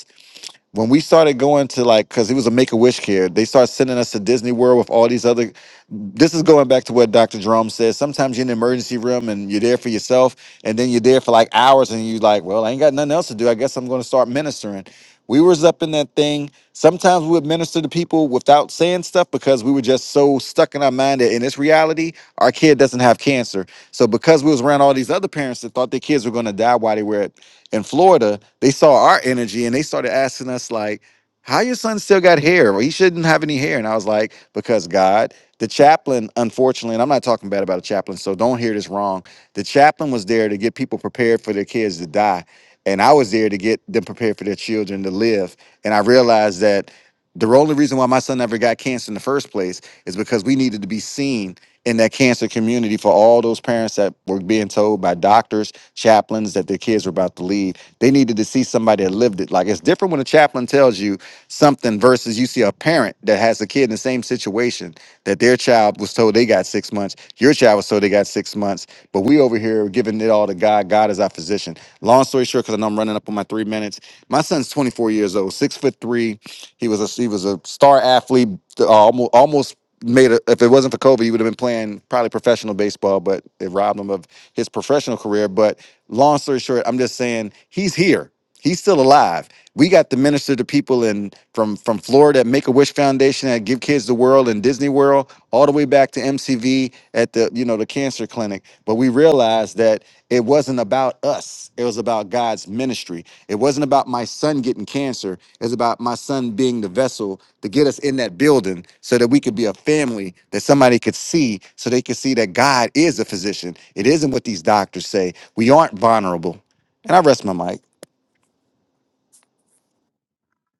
when we started going to like because he was a make-a-wish kid they started sending us to disney world with all these other this is going back to what dr jerome says sometimes you're in the emergency room and you're there for yourself and then you're there for like hours and you are like well i ain't got nothing else to do i guess i'm going to start ministering we was up in that thing sometimes we would minister to people without saying stuff because we were just so stuck in our mind that in this reality our kid doesn't have cancer so because we was around all these other parents that thought their kids were going to die while they were in Florida, they saw our energy and they started asking us like, "How your son still got hair? Well, he shouldn't have any hair." And I was like, "Because God." The chaplain, unfortunately, and I'm not talking bad about a chaplain, so don't hear this wrong. The chaplain was there to get people prepared for their kids to die, and I was there to get them prepared for their children to live. And I realized that the only reason why my son never got cancer in the first place is because we needed to be seen in that cancer community for all those parents that were being told by doctors, chaplains that their kids were about to leave. They needed to see somebody that lived it. Like it's different when a chaplain tells you something versus you see a parent that has a kid in the same situation that their child was told they got six months, your child was told they got six months, but we over here are giving it all to God. God is our physician. Long story short, because I know I'm running up on my three minutes. My son's 24 years old, six foot three he was a he was a star athlete. Uh, almost almost made a, if it wasn't for Kobe, he would have been playing probably professional baseball. But it robbed him of his professional career. But long story short, I'm just saying he's here. He's still alive. We got to minister to people in from from Florida at Make a Wish Foundation at Give Kids the World and Disney World, all the way back to MCV at the you know the cancer clinic. But we realized that it wasn't about us. It was about God's ministry. It wasn't about my son getting cancer. It's about my son being the vessel to get us in that building so that we could be a family that somebody could see, so they could see that God is a physician. It isn't what these doctors say. We aren't vulnerable. And I rest my mic.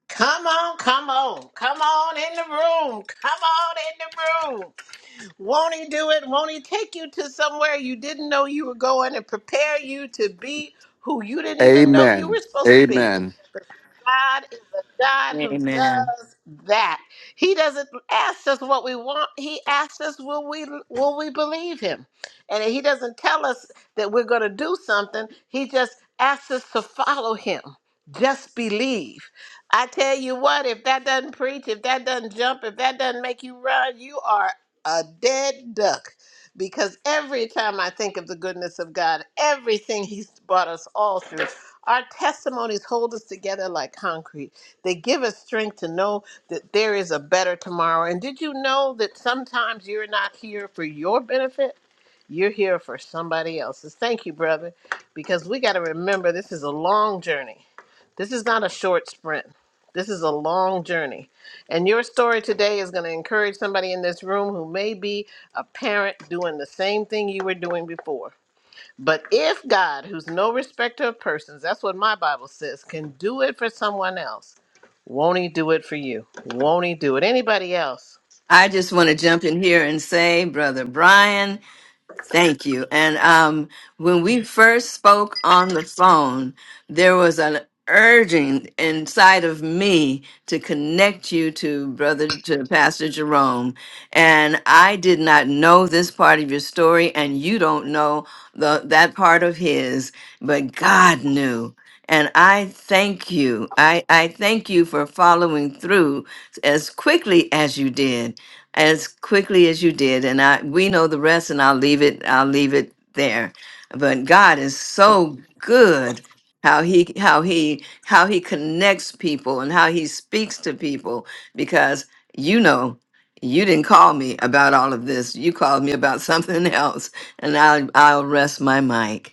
Come on, come on, come on in the room. Come on in the room. Won't he do it? Won't he take you to somewhere you didn't know you were going and prepare you to be who you didn't even know you Amen. were supposed to be? Amen. But God is a God who Amen. does that. He doesn't ask us what we want. He asks us, will we will we believe him? And he doesn't tell us that we're going to do something. He just asks us to follow him. Just believe. I tell you what, if that doesn't preach, if that doesn't jump, if that doesn't make you run, you are a dead duck because every time I think of the goodness of God, everything He's brought us all through, our testimonies hold us together like concrete. They give us strength to know that there is a better tomorrow. And did you know that sometimes you're not here for your benefit? You're here for somebody else's. Thank you, brother, because we got to remember this is a long journey this is not a short sprint. This is a long journey. And your story today is going to encourage somebody in this room who may be a parent doing the same thing you were doing before. But if God, who's no respecter of persons, that's what my Bible says, can do it for someone else, won't he do it for you? Won't he do it? Anybody else? I just want to jump in here and say, Brother Brian. Thank you. And um, when we first spoke on the phone, there was an urging inside of me to connect you to brother to Pastor Jerome. And I did not know this part of your story, and you don't know the, that part of his, but God knew. And I thank you. I, I thank you for following through as quickly as you did, as quickly as you did. And I we know the rest, and I'll leave it. I'll leave it there. But God is so good. How he how he how he connects people and how he speaks to people because you know you didn't call me about all of this you called me about something else and I'll I'll rest my mic.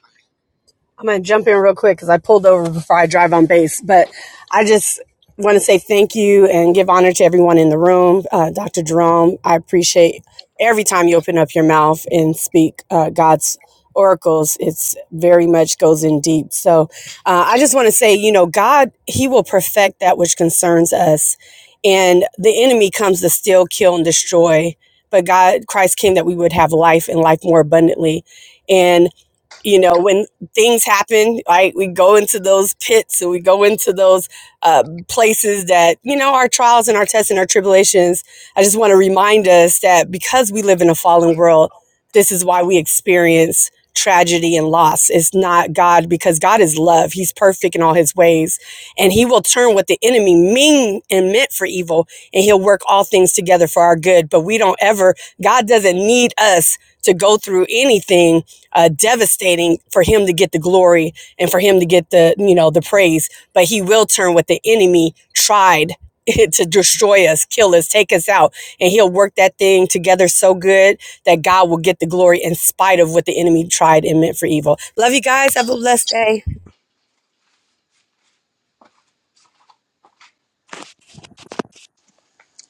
I'm going to jump in real quick because I pulled over before I drive on base. But I just want to say thank you and give honor to everyone in the room. Uh, Dr. Jerome, I appreciate every time you open up your mouth and speak uh, God's oracles. It's very much goes in deep. So uh, I just want to say, you know, God, He will perfect that which concerns us. And the enemy comes to steal, kill, and destroy. But God, Christ came that we would have life and life more abundantly. And you know when things happen right we go into those pits and we go into those uh, places that you know our trials and our tests and our tribulations i just want to remind us that because we live in a fallen world this is why we experience tragedy and loss it's not god because god is love he's perfect in all his ways and he will turn what the enemy mean and meant for evil and he'll work all things together for our good but we don't ever god doesn't need us to go through anything uh, devastating for him to get the glory and for him to get the you know the praise but he will turn what the enemy tried to destroy us kill us take us out and he'll work that thing together so good that god will get the glory in spite of what the enemy tried and meant for evil love you guys have a blessed day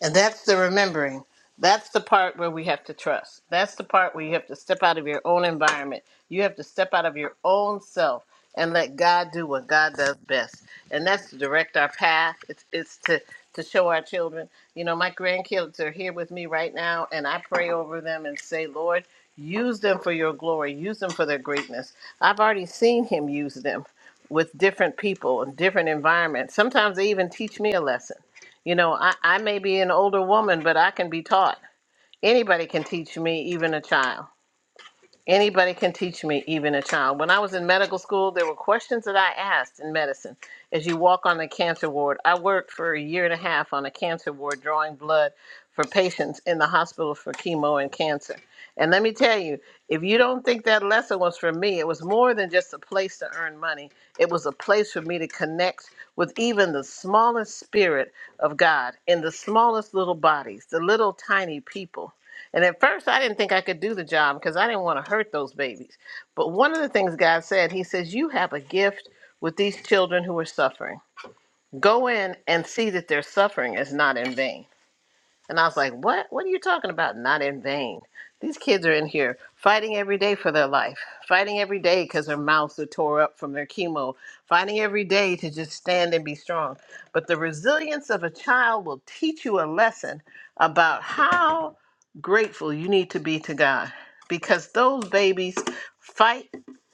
And that's the remembering. That's the part where we have to trust. That's the part where you have to step out of your own environment. You have to step out of your own self and let God do what God does best. And that's to direct our path. It's it's to to show our children. You know, my grandkids are here with me right now and I pray over them and say, "Lord, use them for your glory. Use them for their greatness." I've already seen him use them with different people and different environments. Sometimes they even teach me a lesson you know, I, I may be an older woman, but I can be taught. Anybody can teach me, even a child. Anybody can teach me, even a child. When I was in medical school, there were questions that I asked in medicine. As you walk on the cancer ward, I worked for a year and a half on a cancer ward drawing blood for patients in the hospital for chemo and cancer. And let me tell you, if you don't think that lesson was for me, it was more than just a place to earn money. It was a place for me to connect with even the smallest spirit of God in the smallest little bodies, the little tiny people and at first, I didn't think I could do the job because I didn't want to hurt those babies. But one of the things God said, He says, You have a gift with these children who are suffering. Go in and see that their suffering is not in vain. And I was like, what? What are you talking about? Not in vain. These kids are in here fighting every day for their life, fighting every day because their mouths are tore up from their chemo, fighting every day to just stand and be strong. But the resilience of a child will teach you a lesson about how grateful you need to be to God because those babies fight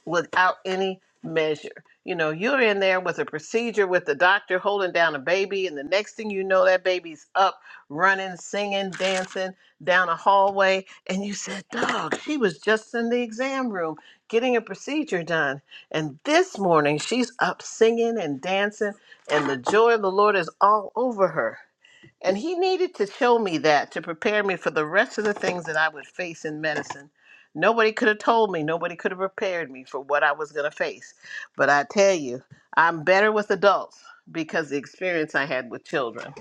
without any measure. You know, you're in there with a procedure with the doctor holding down a baby, and the next thing you know, that baby's up running, singing, dancing down a hallway. And you said, Dog, she was just in the exam room getting a procedure done. And this morning, she's up singing and dancing, and the joy of the Lord is all over her. And he needed to show me that to prepare me for the rest of the things that I would face in medicine. Nobody could have told me, nobody could have prepared me for what I was going to face. But I tell you, I'm better with adults because the experience I had with children.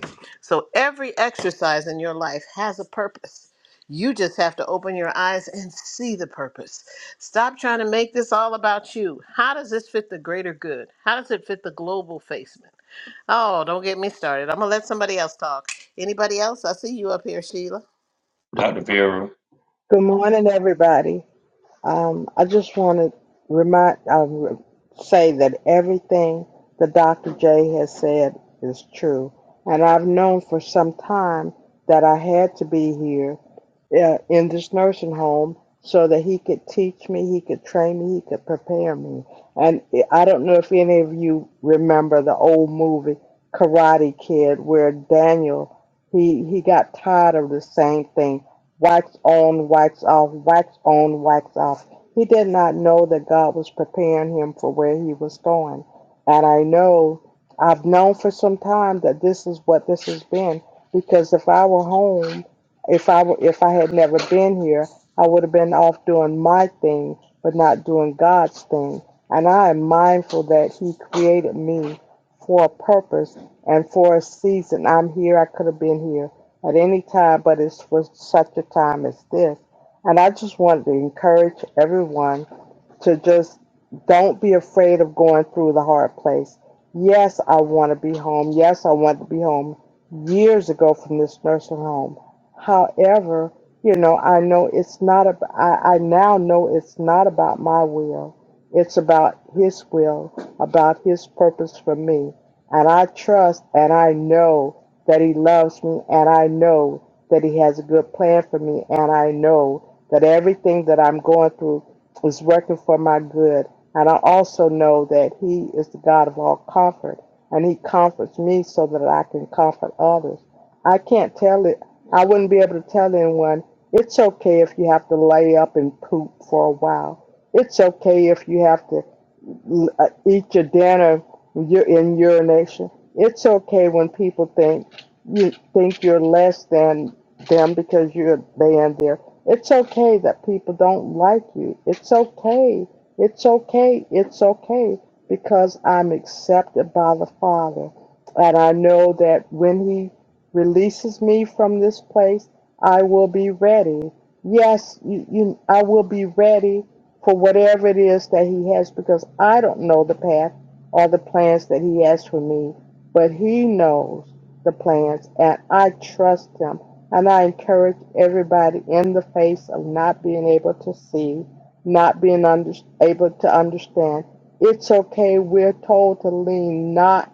So every exercise in your life has a purpose. You just have to open your eyes and see the purpose. Stop trying to make this all about you. How does this fit the greater good? How does it fit the global facement? Oh, don't get me started. I'm going to let somebody else talk. Anybody else? I see you up here, Sheila. Dr. Vera, Good morning, everybody. Um, I just want to remind, uh, re- say that everything that Dr. J has said is true. And I've known for some time that I had to be here uh, in this nursing home so that he could teach me, he could train me, he could prepare me. And I I don't know if any of you remember the old movie Karate Kid where Daniel, he, he got tired of the same thing wax on, wax off, wax on, wax off. He did not know that God was preparing him for where he was going. And I know, I've known for some time that this is what this has been. Because if I were home, if I were, if I had never been here, I would have been off doing my thing, but not doing God's thing. And I am mindful that He created me for a purpose and for a season. I'm here. I could have been here at any time, but it's for such a time as this. And I just wanted to encourage everyone to just don't be afraid of going through the hard place. Yes, I want to be home. Yes, I want to be home years ago from this nursing home. However, you know, I know it's not, ab- I, I now know it's not about my will. It's about His will, about His purpose for me. And I trust and I know that He loves me and I know that He has a good plan for me and I know that everything that I'm going through is working for my good. And I also know that He is the God of all comfort, and He comforts me so that I can comfort others. I can't tell it, I wouldn't be able to tell anyone, it's okay if you have to lay up and poop for a while. It's okay if you have to uh, eat your dinner you're in urination. It's okay when people think you think you're less than them because you're laying there. It's okay that people don't like you. It's okay. It's okay. It's okay because I'm accepted by the Father. And I know that when He releases me from this place, I will be ready. Yes, you, you, I will be ready for whatever it is that He has, because I don't know the path or the plans that He has for me, but He knows the plans, and I trust Him. And I encourage everybody in the face of not being able to see, not being under, able to understand. It's okay. We're told to lean not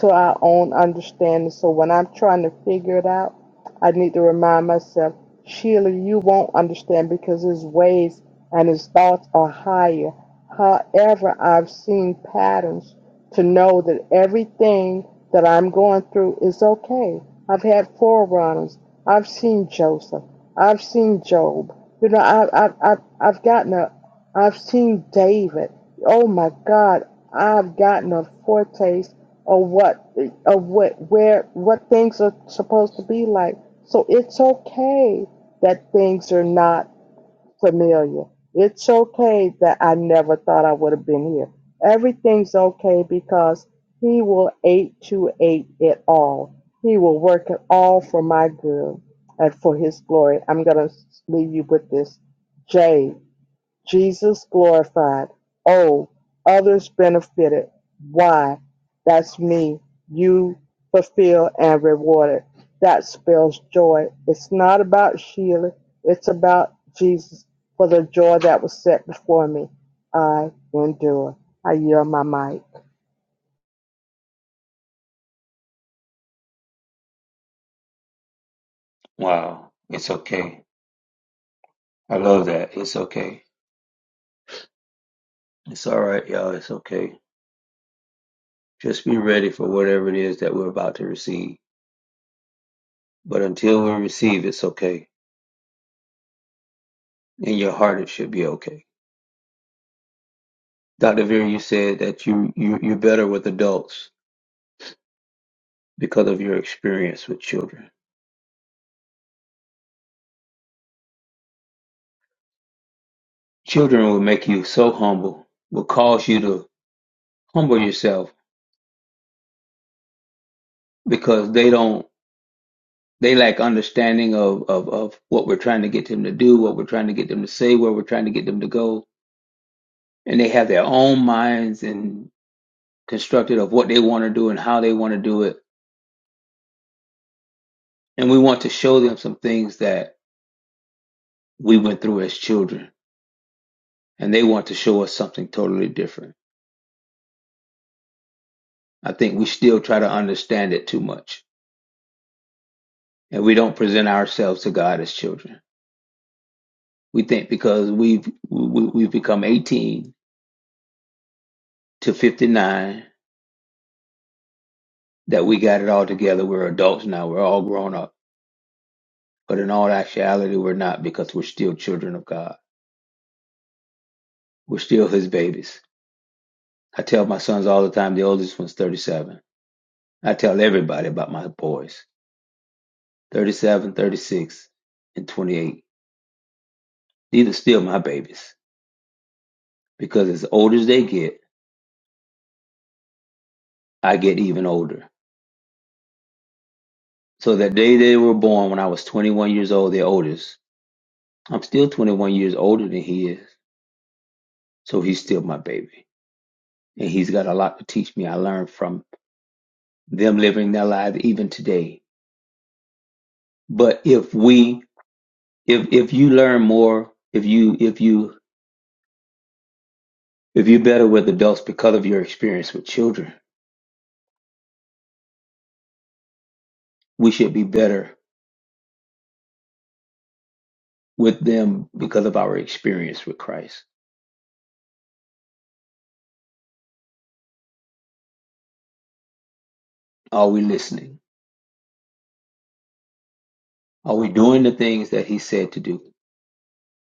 to our own understanding. So when I'm trying to figure it out, I need to remind myself, Sheila, you won't understand because there's ways and his thoughts are higher. However, I've seen patterns to know that everything that I'm going through is okay. I've had forerunners. I've seen Joseph. I've seen Job. You know, I've I've I've, I've gotten a. I've seen David. Oh my God, I've gotten a foretaste of what of what where what things are supposed to be like. So it's okay that things are not Familiar. It's okay that I never thought I would have been here. Everything's okay because He will 828 it all. He will work it all for my good and for His glory. I'm going to leave you with this. Jay. Jesus glorified. Oh, others benefited. Why? That's me. You fulfill and rewarded. That spells joy. It's not about Sheila. It's about Jesus for the joy that was set before me. I endure. I yield my might. wow, it's okay. I love that. It's okay. It's all right, y'all. It's okay. Just be ready for whatever it is that we're about to receive. But until we receive, it's okay. In your heart, it should be okay. Dr. Veer, you said that you, you, you're better with adults because of your experience with children. Children will make you so humble, will cause you to humble yourself because they don't, they lack understanding of, of, of what we're trying to get them to do, what we're trying to get them to say, where we're trying to get them to go. And they have their own minds and constructed of what they want to do and how they want to do it And we want to show them some things that we went through as children. And they want to show us something totally different. I think we still try to understand it too much. And we don't present ourselves to God as children. We think because we've, we, we've become 18 to 59 that we got it all together. We're adults now. We're all grown up. But in all actuality, we're not because we're still children of God. We're still his babies. I tell my sons all the time, the oldest one's 37. I tell everybody about my boys 37, 36, and 28. These are still my babies because as old as they get, I get even older. So that day they were born when I was 21 years old, their oldest, I'm still 21 years older than he is. So he's still my baby. And he's got a lot to teach me. I learned from them living their lives even today. But if we, if, if you learn more, if you, if you, if you're better with adults because of your experience with children, we should be better with them because of our experience with Christ? Are we listening? Are we doing the things that he said to do?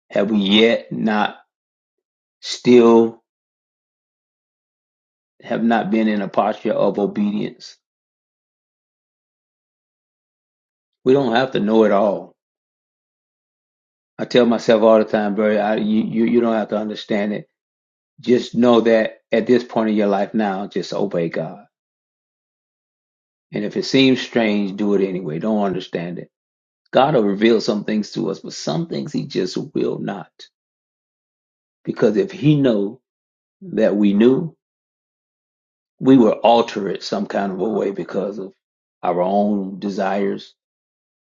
Have we yet not still have not been in a posture of obedience? We don't have to know it all. I tell myself all the time, bro, I, you, you, you don't have to understand it. Just know that at this point in your life now, just obey God. And if it seems strange, do it anyway. Don't understand it. God will reveal some things to us, but some things he just will not. Because if he know that we knew, we will alter it some kind of a way because of our own desires,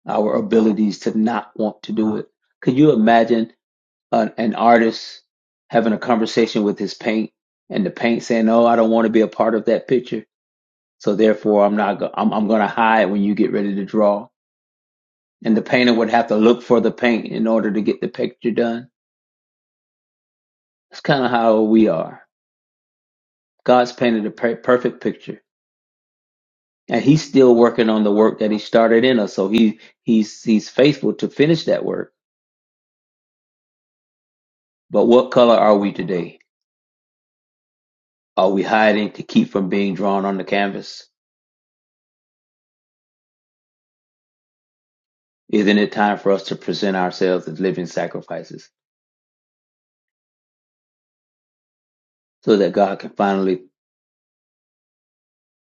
our abilities to not want to do it. Could you imagine an, an artist having a conversation with his paint and the paint saying, "Oh, I don't want to be a part of that picture, so therefore I'm not. Go- I'm, I'm going to hide when you get ready to draw." And the painter would have to look for the paint in order to get the picture done. That's kind of how we are. God's painted a per- perfect picture and he's still working on the work that he started in us so he he's he's faithful to finish that work but what color are we today are we hiding to keep from being drawn on the canvas isn't it time for us to present ourselves as living sacrifices so that god can finally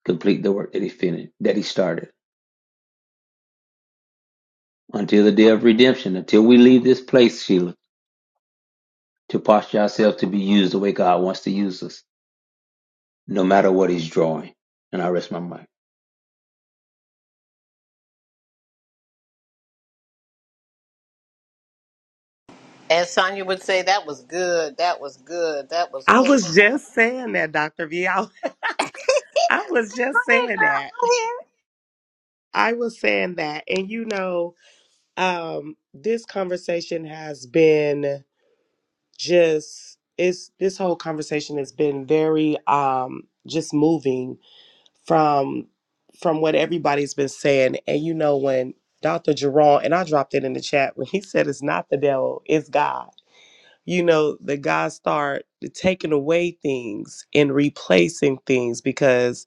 complete the work that he finished that he started until the day of redemption until we leave this place sheila to posture ourselves to be used the way god wants to use us no matter what he's drawing and i rest my mind As Sonya would say, that was good. That was good. That was I full. Here, was just saying that, Dr. V. I, I was just saying that. girl. Here. I was saying that. And you know, um, this conversation has been just it's this whole conversation has been very um just moving from from what everybody's been saying. And you know, when Dr. Jerome, and I dropped it in the chat when he said it's not the devil, it's God. You know, the God start taking away things and replacing things because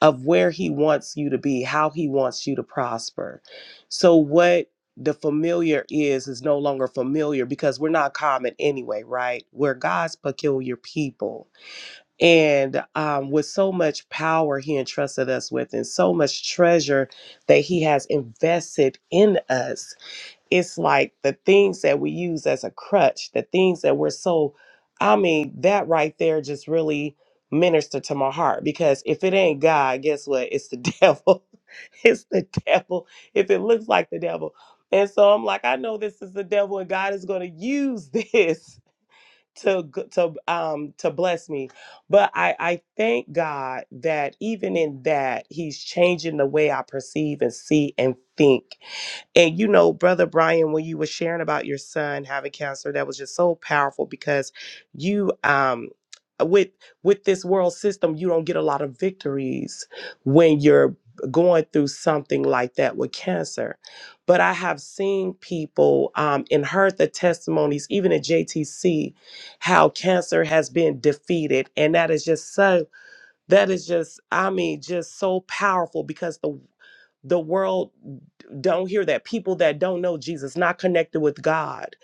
of where he wants you to be, how he wants you to prosper. So what the familiar is is no longer familiar because we're not common anyway, right? We're God's peculiar people. And um, with so much power he entrusted us with and so much treasure that he has invested in us it's like the things that we use as a crutch, the things that we're so, I mean, that right there just really ministered to my heart because if it ain't God, guess what? It's the devil. it's the devil. If it looks like the devil. And so I'm like, I know this is the devil and God is going to use this to g- to um to bless me. But I I thank God that even in that he's changing the way I perceive and see and think and you know, Brother Brian, when you were sharing about your son having cancer, that was just so powerful because you um with with this world system, you don't get a lot of victories when you're going through something like that with cancer. But I have seen people um, and heard the testimonies, even at JTC, how cancer has been defeated. And that is just so, that is just, I mean, just so powerful because the the world don't hear that people that don't know jesus not connected with god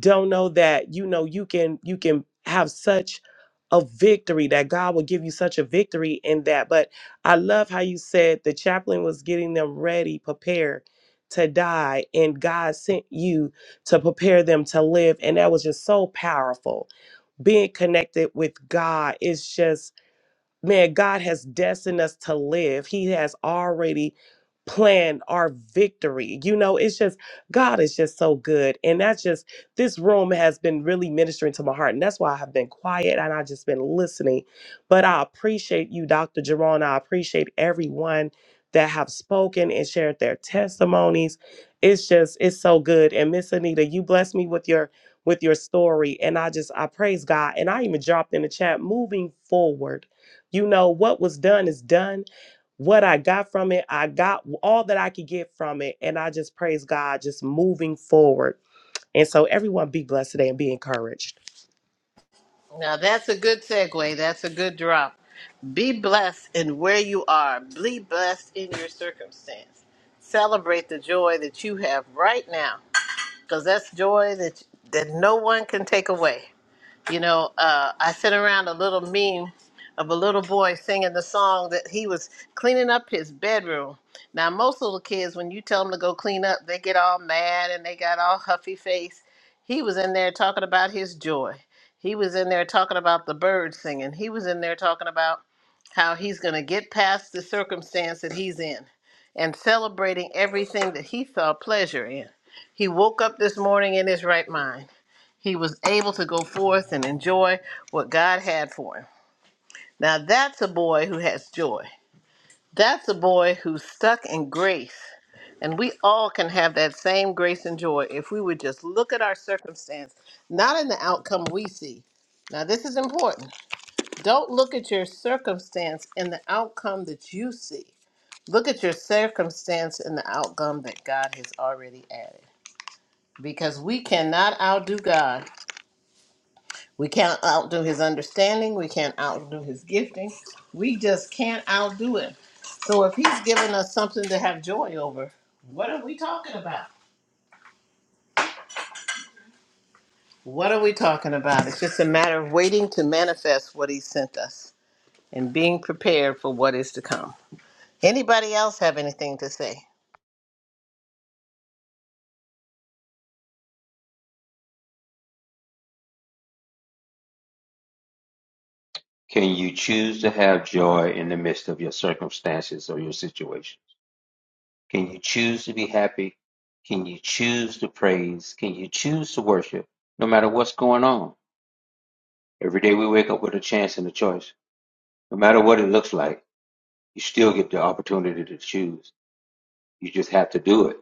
don't know that you know you can you can have such a victory that god will give you such a victory in that but i love how you said the chaplain was getting them ready prepared to die and god sent you to prepare them to live and that was just so powerful being connected with god is just man, God has destined us to live. He has already planned our victory. You know, it's just, God is just so good. And that's just, this room has been really ministering to my heart. And that's why I have been quiet and I've just been listening. But I appreciate you, Dr. Jerome. I appreciate everyone that have spoken and shared their testimonies. It's just, it's so good. And Miss Anita, you blessed me with your with your story. And I just I praise God. And I even dropped in the chat moving forward. You know, what was done is done. What I got from it, I got all that I could get from it. And I just praise God, just moving forward. And so, everyone be blessed today and be encouraged. Now that's a good segue. That's a good drop. Be blessed in where you are. Be blessed in your circumstance. Celebrate the joy that you have right now, because that's joy that that no one can take away. You know, uh, I sent around a little meme of a little boy singing the song that he was cleaning up his bedroom. Now, most little kids, when you tell them to go clean up, they get all mad and they got all huffy face. He was in there talking about his joy. He was in there talking about the birds singing. He was in there talking about how he's going to get past the circumstance that he's in and celebrating everything that he felt pleasure in. He woke up this morning in his right mind. He was able to go forth and enjoy what God had for him. Now, that's a boy who has joy. That's a boy who's stuck in grace. And we all can have that same grace and joy if we would just look at our circumstance, not in the outcome we see. Now, this is important. Don't look at your circumstance in the outcome that you see. Look at your circumstance in the outcome that God has already added. Because we cannot outdo God We can't outdo his understanding. We can't outdo his gifting. We just can't outdo him. So if he's given us something to have joy over, what are we talking about? What are we talking about? It's just a matter of waiting to manifest what he sent us and being prepared for what is to come. Anybody else have anything to say? Can you choose to have joy in the midst of your circumstances or your situations? Can you choose to be happy? Can you choose to praise? Can you choose to worship no matter what's going on? Every day we wake up with a chance and a choice. No matter what it looks like, you still get the opportunity to choose. You just have to do it.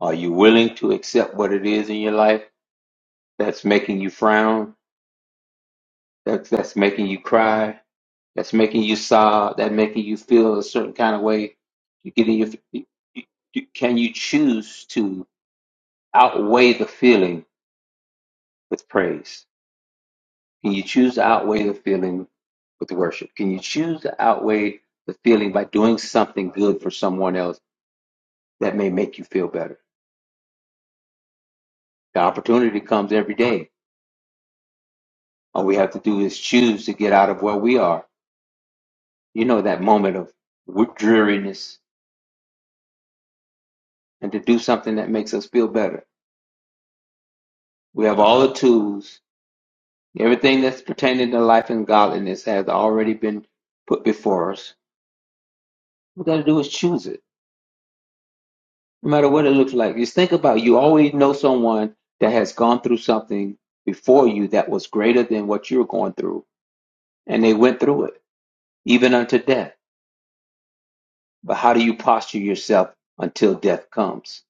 Are you willing to accept what it is in your life that's making you frown? That's, that's making you cry? that's making you sob, that making you feel a certain kind of way. You getting your, you, you- can you choose to outweigh the feeling with praise? Can you choose to outweigh the feeling with worship? Can you choose to outweigh the feeling by doing something good for someone else that may make you feel better? The opportunity comes every day. All we have to do is choose to get out of where we are. You know that moment of dreariness and to do something that makes us feel better. We have all the tools Everything that's pertaining to life and godliness has already been put before us. We got to do is choose it, no matter what it looks like. Just think about it. you always know someone that has gone through something before you that was greater than what you're going through, and they went through it, even unto death. But how do you posture yourself until death comes?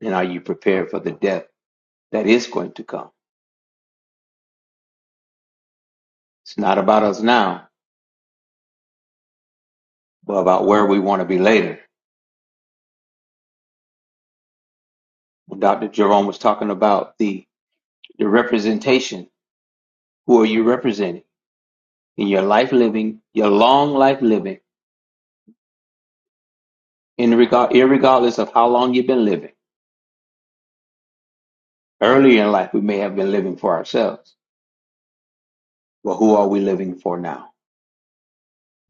And are you prepared for the death that is going to come? It's not about us now, but about where we want to be later. When Dr. Jerome was talking about the the representation. Who are you representing in your life living, your long life living, in regard, irregardless of how long you've been living? Earlier in life, we may have been living for ourselves, but who are we living for now?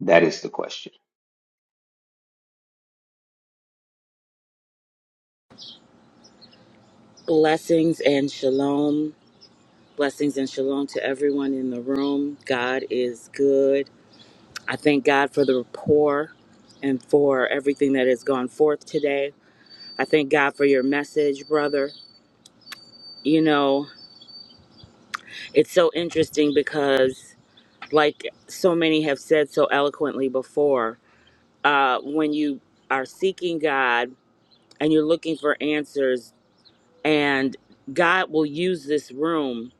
That is the question. Blessings and shalom. Blessings and shalom to everyone in the room. God is good. I thank God for the rapport and for everything that has gone forth today. I thank God for your message, brother. You know, it's so interesting because, like so many have said so eloquently before, uh, when you are seeking God and you're looking for answers, and God will use this room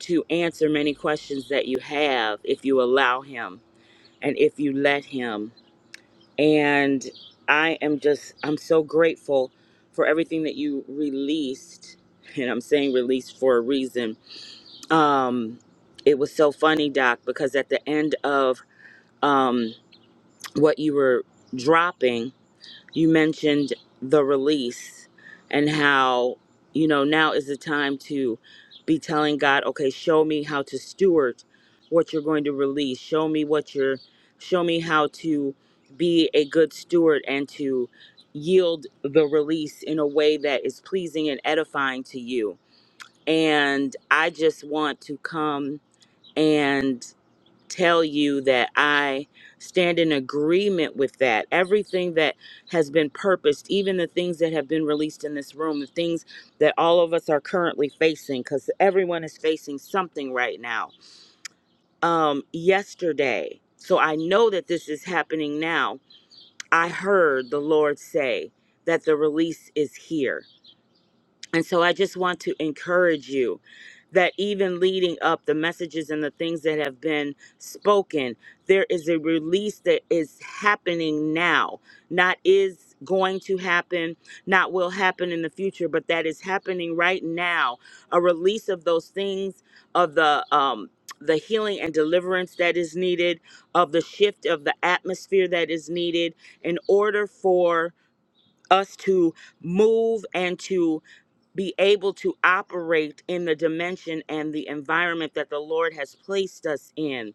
to answer many questions that you have if you allow Him and if you let Him. And I am just, I'm so grateful for everything that you released. And I'm saying released for a reason. Um, it was so funny, Doc, because at the end of um, what you were dropping, you mentioned the release and how you know now is the time to be telling god okay show me how to steward what you're going to release show me what you're show me how to be a good steward and to yield the release in a way that is pleasing and edifying to you and i just want to come and tell you that I stand in agreement with that. Everything that has been purposed, even the things that have been released in this room, the things that all of us are currently facing, because everyone is facing something right now. Um, yesterday, so I know that this is happening now. I heard the Lord say that the release is here and so I just want to encourage you that even leading up the messages and the things that have been spoken, there is a release that is happening now, not is going to happen, not will happen in the future, but that is happening right now. A release of those things, of the, um, the healing and deliverance that is needed, of the shift of the atmosphere that is needed in order for us to move and to be able to operate in the dimension and the environment that the Lord has placed us in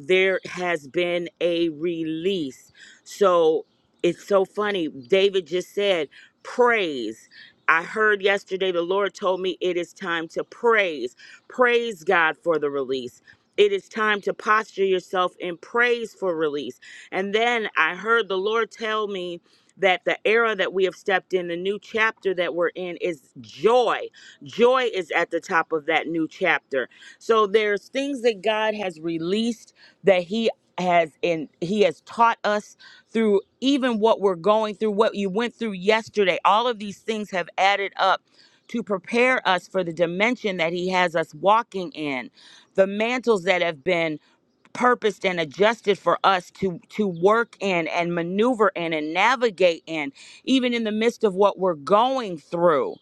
there has been a release. So it's so funny. David just said, praise. I heard yesterday the Lord told me it is time to praise. Praise God for the release. It is time to posture yourself in praise for release. And then I heard the Lord tell me that the era that we have stepped in, the new chapter that we're in, is joy. Joy is at the top of that new chapter. So there's things that God has released that he has in, he has taught us through even what we're going through what you went through yesterday all of these things have added up to prepare us for the dimension that he has us walking in the mantles that have been purposed and adjusted for us to to work in and maneuver in and navigate in even in the midst of what we're going through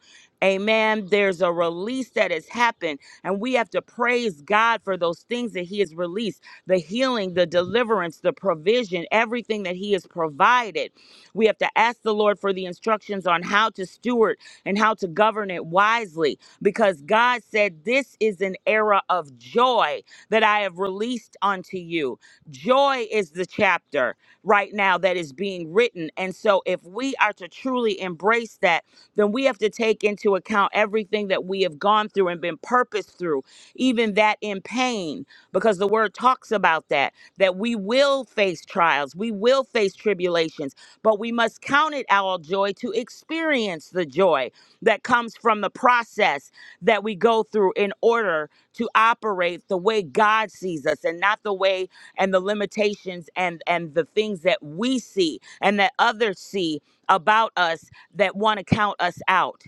Amen. There's a release that has happened, and we have to praise God for those things that He has released the healing, the deliverance, the provision, everything that He has provided. We have to ask the Lord for the instructions on how to steward and how to govern it wisely, because God said, This is an era of joy that I have released unto you. Joy is the chapter right now that is being written. And so, if we are to truly embrace that, then we have to take into account everything that we have gone through and been purposed through, even that in pain, because the word talks about that, that we will face trials, we will face tribulations, but we must count it our joy to experience the joy that comes from the process that we go through in order to operate the way God sees us and not the way and the limitations and and the things that we see and that others see about us that want to count us out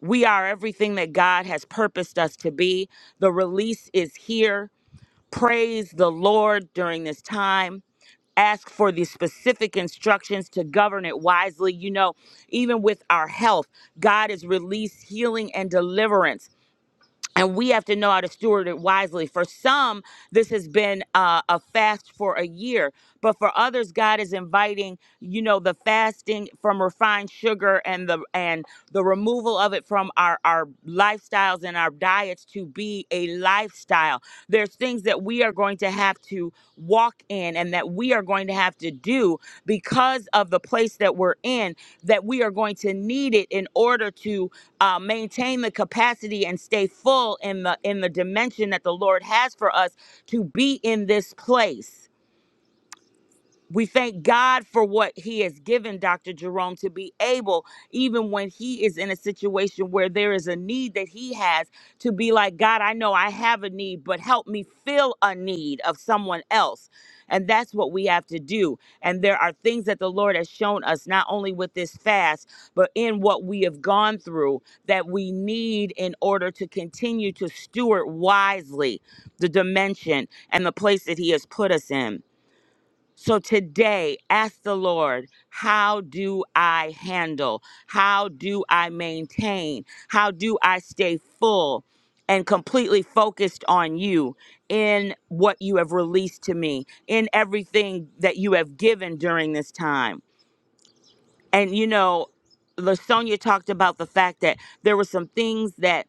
we are everything that god has purposed us to be the release is here praise the lord during this time ask for the specific instructions to govern it wisely. You know, even with our health, God has released healing and deliverance and we have to know how to steward it wisely. For some, this has been uh, a fast for a year, but for others, God is inviting you know the fasting from refined sugar and the and the removal of it from our our lifestyles and our diets to be a lifestyle. There's there's things that we are going to have to walk in and that we are going to have to do because of the place that we're in, that we are going to need it in order to uh, maintain the capacity and stay full in the in the dimension that the Lord has for us to be in this place. We thank God for what He has given Dr. Jerome to be able, even when He is in a situation where there is a need that He has, to be like, God, I know I have a need, but help me fill a need of someone else. And that's what we have to do. And there are things that the Lord has shown us, not only with this fast, but in what we have gone through, that we need in order to continue to steward wisely the dimension and the place that He has put us in. So today, ask the Lord, how do I handle? How do I maintain? How do I stay full and completely focused on you in what you have released to me, in everything that you have given during this time? And you know, LaSonia talked about the fact that there were some things that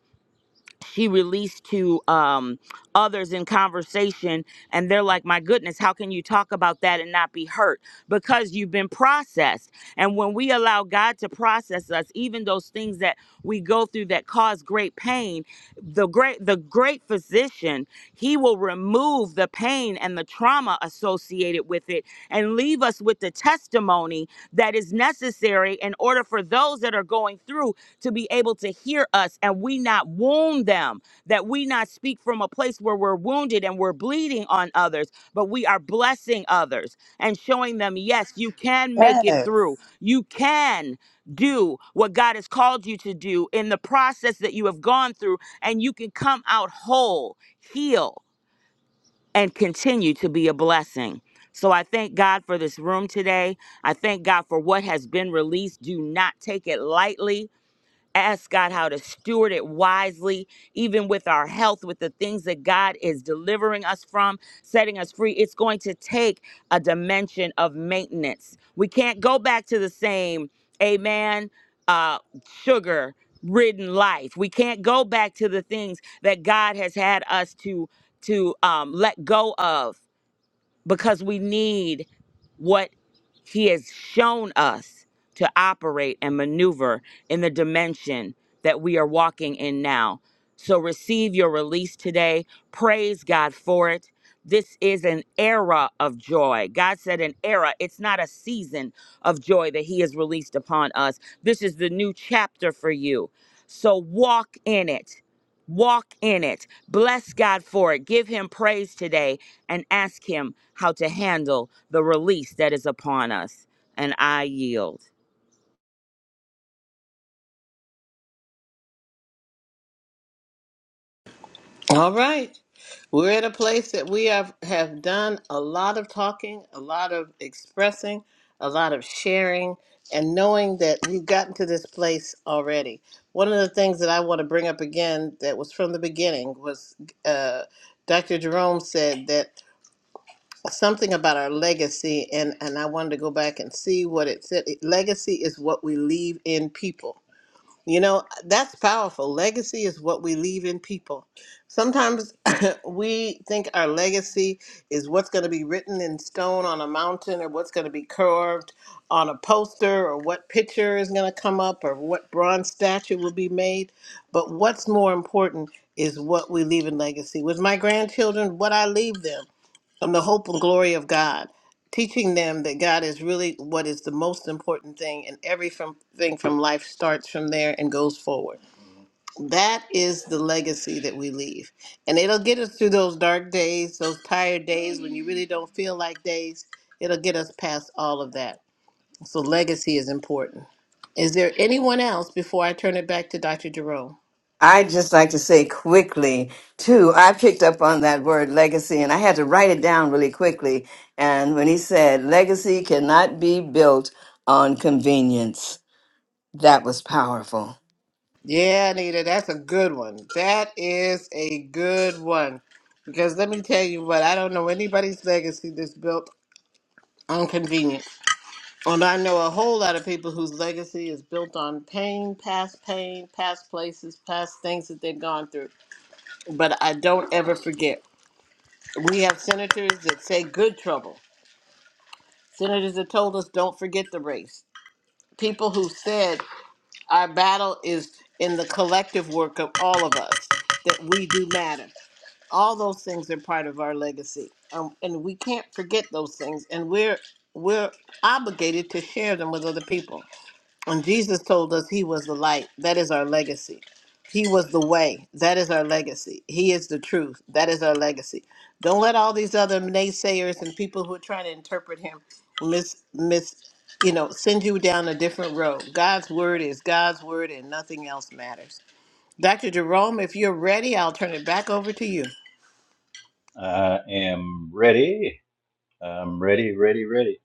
she released to um, others in conversation, and they're like, My goodness, how can you talk about that and not be hurt? Because you've been processed. And when we allow God to process us, even those things that we go through that cause great pain, the great the great physician, he will remove the pain and the trauma associated with it and leave us with the testimony that is necessary in order for those that are going through to be able to hear us and we not wound them, that we not speak from a place where we're wounded and we're bleeding on others, but we are blessing others and showing them, yes, you can make it Yes. through. You can do what God has called you to do in the process that you have gone through, and you can come out whole, heal, and continue to be a blessing. So I thank God for this room today. I thank God for what has been released. Do not take it lightly. Ask God how to steward it wisely, even with our health, with the things that God is delivering us from, setting us free. It's going to take a dimension of maintenance. We can't go back to the same, amen, uh, sugar ridden life. We can't go back to the things that God has had us to to um, let go of because we need what he has shown us to operate and maneuver in the dimension that we are walking in now. So receive your release today. Praise God for it. This is an era of joy. God said an era. It's not a season of joy that he has released upon us. This is the new chapter for you. So walk in it. Walk in it. Bless God for it. Give him praise today and ask Him how to handle the release that is upon us. And I yield. All right. We're at a place that we have, have done a lot of talking, a lot of expressing, a lot of sharing, and knowing that we've gotten to this place already. One of the things that I want to bring up again that was from the beginning was uh, Dr. Jerome said that something about our legacy, and, and I wanted to go back and see what it said. Legacy is what we leave in people you know, that's powerful. Legacy is what we leave in people. Sometimes we think our legacy is what's going to be written in stone on a mountain or what's going to be carved on a poster or what picture is going to come up or what bronze statue will be made. But what's more important is what we leave in legacy. With my grandchildren, what I leave them from the hope and glory of God, teaching them that God is really what is the most important thing, and everything thing from life starts from there and goes forward. That is the legacy that we leave, and it'll get us through those dark days, those tired days when you really don't feel like days. It'll get us past all of that. So legacy is important. Is there anyone else before I turn it back to Dr. Jerome? I just like to say quickly too. I picked up on that word legacy, and I had to write it down really quickly. And when he said legacy cannot be built on convenience, that was powerful. Yeah, Anita, that's a good one. That is a good one. Because let me tell you what, I don't know anybody's legacy that's built on convenience. And I know a whole lot of people whose legacy is built on pain, past pain, past places, past things that they've gone through. But I don't ever forget. We have senators that say good trouble, senators that told us don't forget the race, people who said our battle is in the collective work of all of us, that we do matter. all those things are part of our legacy um, and we can't forget those things and we're we're obligated to share them with other people and jesus told us he was the light that is our legacy he was the way that is our legacy he is the truth that is our legacy don't let all these other naysayers and people who are trying to interpret him miss miss you know send you down a different road god's word is god's word and nothing else matters dr jerome if you're ready i'll turn it back over to you I am ready. I'm ready, ready, ready.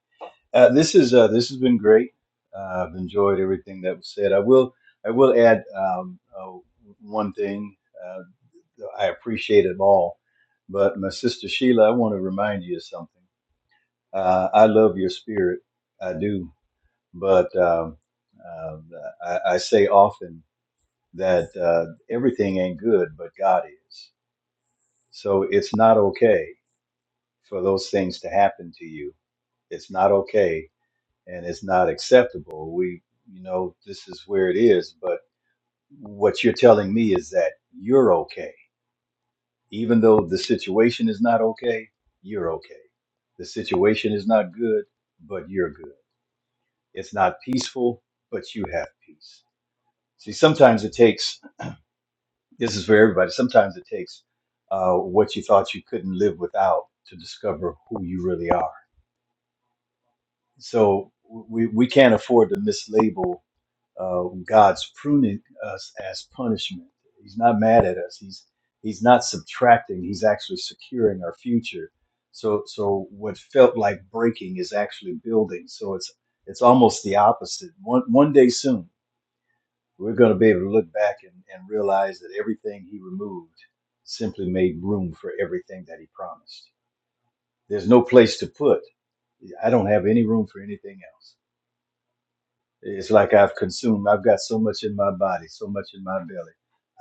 Uh, this is uh, this has been great. Uh, I've enjoyed everything that was said. I will I will add um, uh, one thing. Uh, I appreciate it all, but my sister Sheila, I want to remind you of something. Uh, I love your spirit. I do. but um, um I, I say often that uh, everything ain't good, but God is. So it's not okay for those things to happen to you. It's not okay, and it's not acceptable. We, you know, this is where it is. But what you're telling me is that you're okay, even though the situation is not okay. You're okay. The situation is not good, but you're good. It's not peaceful, but you have peace. See, sometimes it takes this is for everybody. Sometimes it takes uh, what you thought you couldn't live without to discover who you really are. So we, we can't afford to mislabel uh, God's pruning us as punishment. He's not mad at us. He's he's not subtracting. He's actually securing our future. So so what felt like breaking is actually building. So it's it's almost the opposite. One one day soon we're going to be able to look back and, and realize that everything he removed simply made room for everything that he promised. There's no place to put. I don't have any room for anything else. It's like I've consumed, I've got so much in my body, so much in my belly.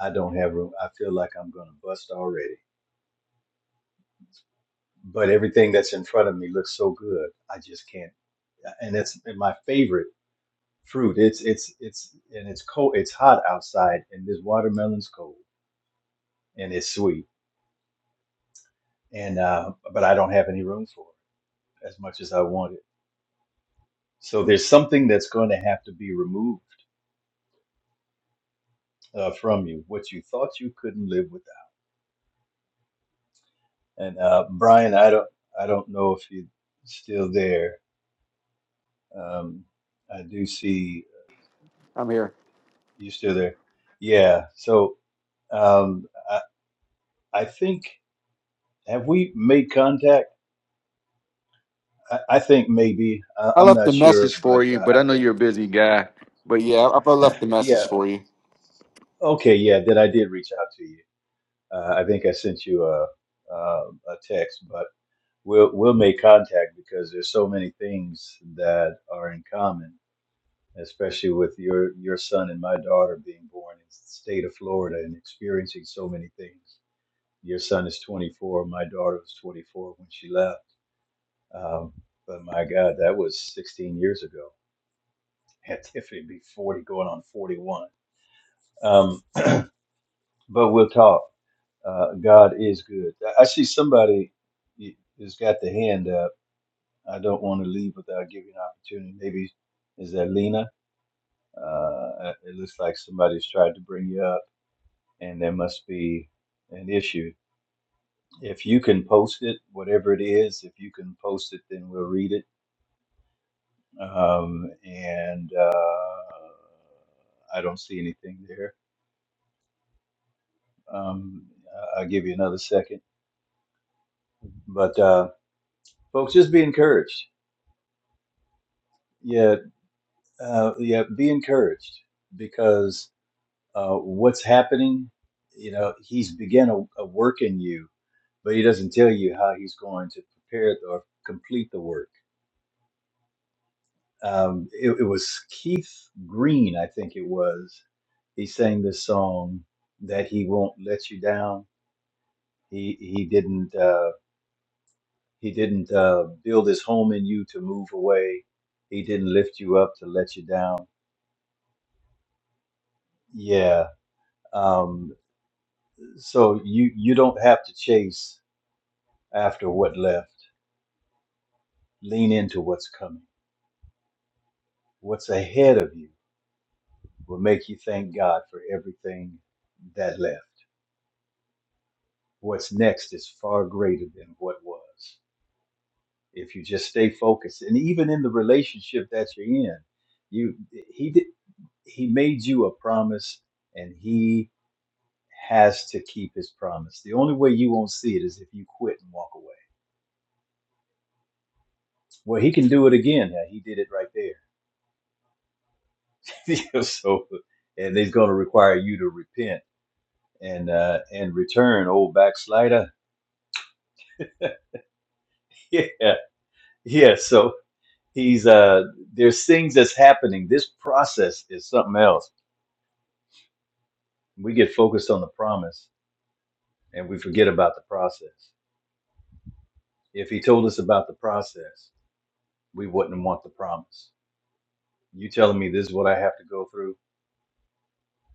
I don't have room. I feel like I'm going to bust already. But everything that's in front of me looks so good. I just can't. And it's my favorite fruit. It's it's it's and it's cold. It's hot outside, and this watermelon's cold and it's sweet and uh, but I don't have any room for it as much as I want it. So there's something that's going to have to be removed uh, from you, what you thought you couldn't live without. And uh, Brian, I don't, I don't know if you're still there. Um, I do see I'm here. you're still there. Yeah. So um, I, I think have we made contact? I, I think maybe I, I I'm left not the sure, message for but you, uh, but I I know think you're a busy guy. But yeah, I, I left the message yeah. for you. Okay, yeah. That I did reach out to you. Uh, I think I sent you a, a, a text, but we'll we'll make contact because there's so many things that are in common, especially with your your son and my daughter being born in the state of Florida and experiencing so many things. Your son is 24. My daughter was 24 when she left. Um, but my God, that was 16 years ago. Had Tiffany be 40, going on 41. Um, but we'll talk. Uh, God is good. I I see somebody has got the hand up. I don't want to leave without giving an opportunity. Maybe is that Lena? Uh, it looks like somebody's tried to bring you up, and there must be an issue. If you can post it, whatever it is, if you can post it, then we'll read it. Um, and uh, I don't see anything there. Um, I- I'll give you another second. But uh, folks, just be encouraged. Yeah. uh, yeah, be encouraged because uh, what's happening, you know, he's began a, a work in you, but he doesn't tell you how he's going to prepare it or complete the work. Um, it, it was Keith Green, I think it was. He sang this song that he won't let you down. He he didn't uh, he didn't uh, build his home in you to move away. He didn't lift you up to let you down. Yeah, Um, So you you don't have to chase after what left. Lean into what's coming. What's ahead of you will make you thank God for everything that left. What's next is far greater than what was. If you just stay focused, and even in the relationship that you're in, you he did he made you a promise, and he has to keep his promise. The only way you won't see it is if you quit and walk away. Well, he can do it again. Yeah, he did it right there so, and they's going to require you to repent and uh, and return, old backslider. Yeah, yeah. So he's uh, there's things that's happening. This process is something else. We get focused on the promise and we forget about the process. If he told us about the process, we wouldn't want the promise. You telling me this is what I have to go through?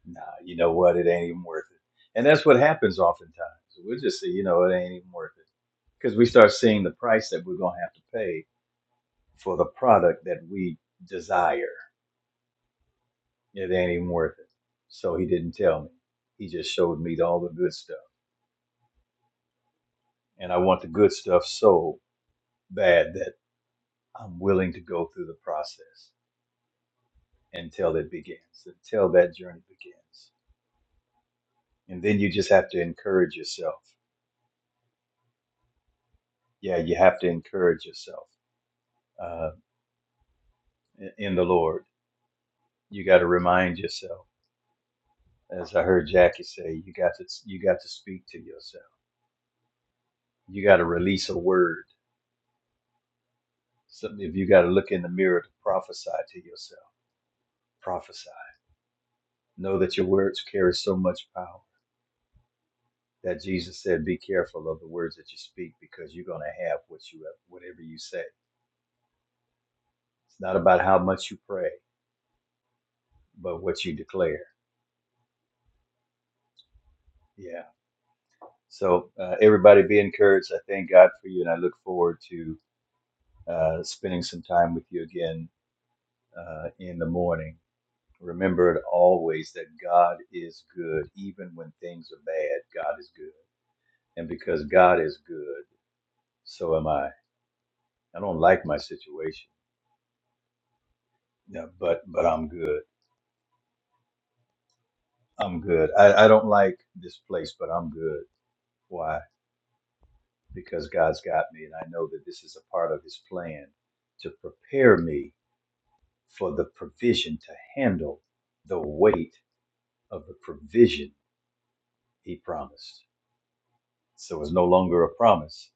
nah, you know what? It ain't even worth it. And that's what happens oftentimes. We'll just say, you know, it ain't even worth it. Because we start seeing the price that we're going to have to pay for the product that we desire. It ain't even worth it. So he didn't tell me. He just showed me all the good stuff. And I want the good stuff so bad that I'm willing to go through the process until it begins, until that journey begins. And then you just have to encourage yourself. Yeah, you have to encourage yourself Uh, in the Lord. You got to remind yourself, as I heard Jackie say, you got to you got to speak to yourself. You got to release a word. Something if you got to look in the mirror to prophesy to yourself, prophesy. Know that your words carry so much power that Jesus said, "Be careful of the words that you speak, because you're going to have what you have, whatever you say." It's not about how much you pray, but what you declare. Yeah. So uh, everybody, be encouraged. I thank God for you, and I look forward to uh, spending some time with you again uh, in the morning. Remember always that God is good, even when things are bad. God is good, and because God is good, so am I. I don't like my situation, yeah, but but I'm good. I'm good. I, I don't like this place, but I'm good. Why? Because God's got me, and I know that this is a part of His plan to prepare me for the provision to handle the weight of the provision He promised. So it's no longer a promise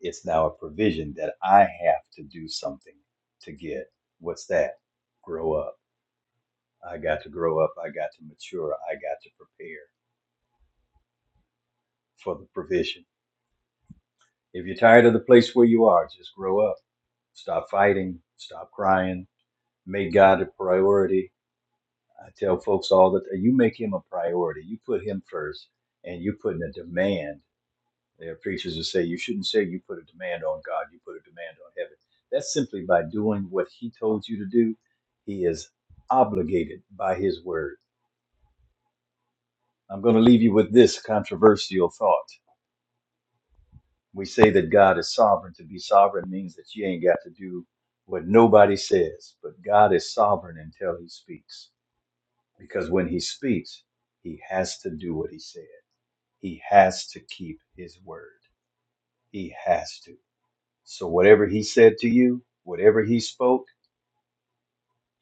it's now a provision that I have to do something to get. What's that? Grow up. I got to grow up. I got to mature. I got to prepare for the provision. If you're tired of the place where you are, just grow up. Stop fighting. Stop crying. Make God a priority. I tell folks all the time you make him a priority. You put him first and you're putting a demand There are preachers that say you shouldn't say you put a demand on God, you put a demand on heaven. That's simply by doing what He told you to do. He is obligated by His word. I'm going to leave you with this controversial thought. We say that God is sovereign. To be sovereign means that you ain't got to do what nobody says, but God is sovereign until He speaks. Because when He speaks, He has to do what He said, He has to keep His word. He has to. So whatever he said to you, whatever he spoke,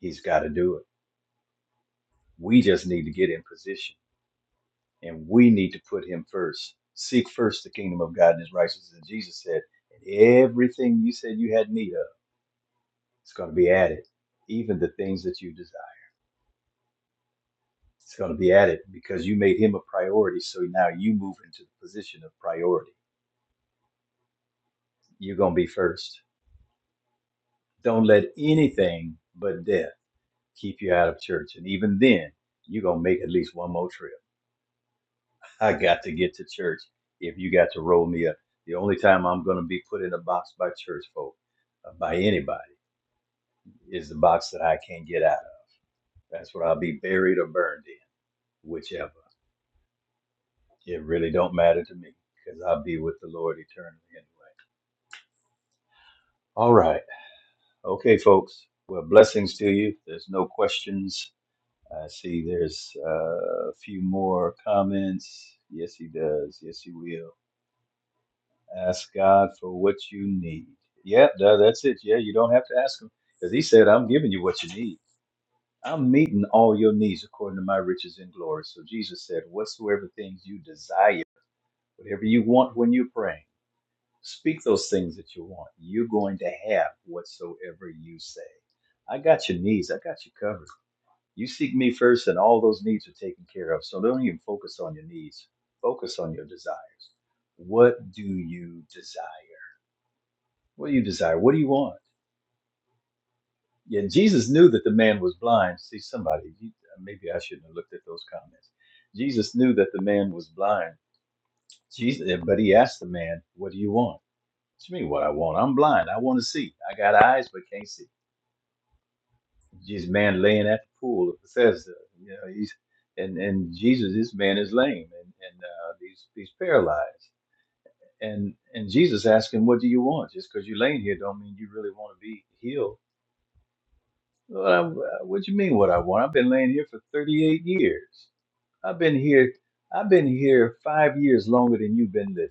he's got to do it. We just need to get in position and we need to put him first. Seek first the kingdom of God and his righteousness. And Jesus said, and everything you said you had need of, it's going to be added. Even the things that you desire, it's going to be added because you made him a priority. So now you move into the position of priority. You're going to be first. Don't let anything but death keep you out of church. And even then, you're going to make at least one more trip I got to get to church if you got to roll me up. The only time I'm going to be put in a box by church folk, uh, by anybody, is the box that I can't get out of. That's what I'll be buried or burned in, whichever. It really don't matter to me because I'll be with the Lord eternally anyway. All right. Okay, folks. Well, blessings to you. There's no questions. I see there's uh, a few more comments. Yes, he does. Yes, he will. Ask God for what you need. Yeah, tha- that's it. Yeah, you don't have to ask Him because He said, I'm giving you what you need. I'm meeting all your needs according to my riches and glory. So Jesus said, Whatsoever things you desire, whatever you want when you're praying, speak those things that you want. You're going to have whatsoever you say. I got your needs. I got you covered. You seek me first, and all those needs are taken care of. So don't even focus on your needs, focus on your desires. What do you desire? What do you desire? What do you want? Yeah, Jesus knew that the man was blind. See, somebody, you- uh, maybe I shouldn't have looked at those comments. Jesus knew that the man was blind. Jesus, eh, but he asked the man, "What do you want?" What do you mean, what I want? I'm blind. I want to see. I got eyes, but can't see. This man laying at the pool of Bethesda. You know, he's and and Jesus, this man is lame and and uh, he's he's paralyzed. And and Jesus asked him, "What do you want?" Just because you're laying here, don't mean you really want to be healed Well, I- what do you mean what I want? I've been laying here for 38 years. I've been here I've been here 5 years longer than you've been living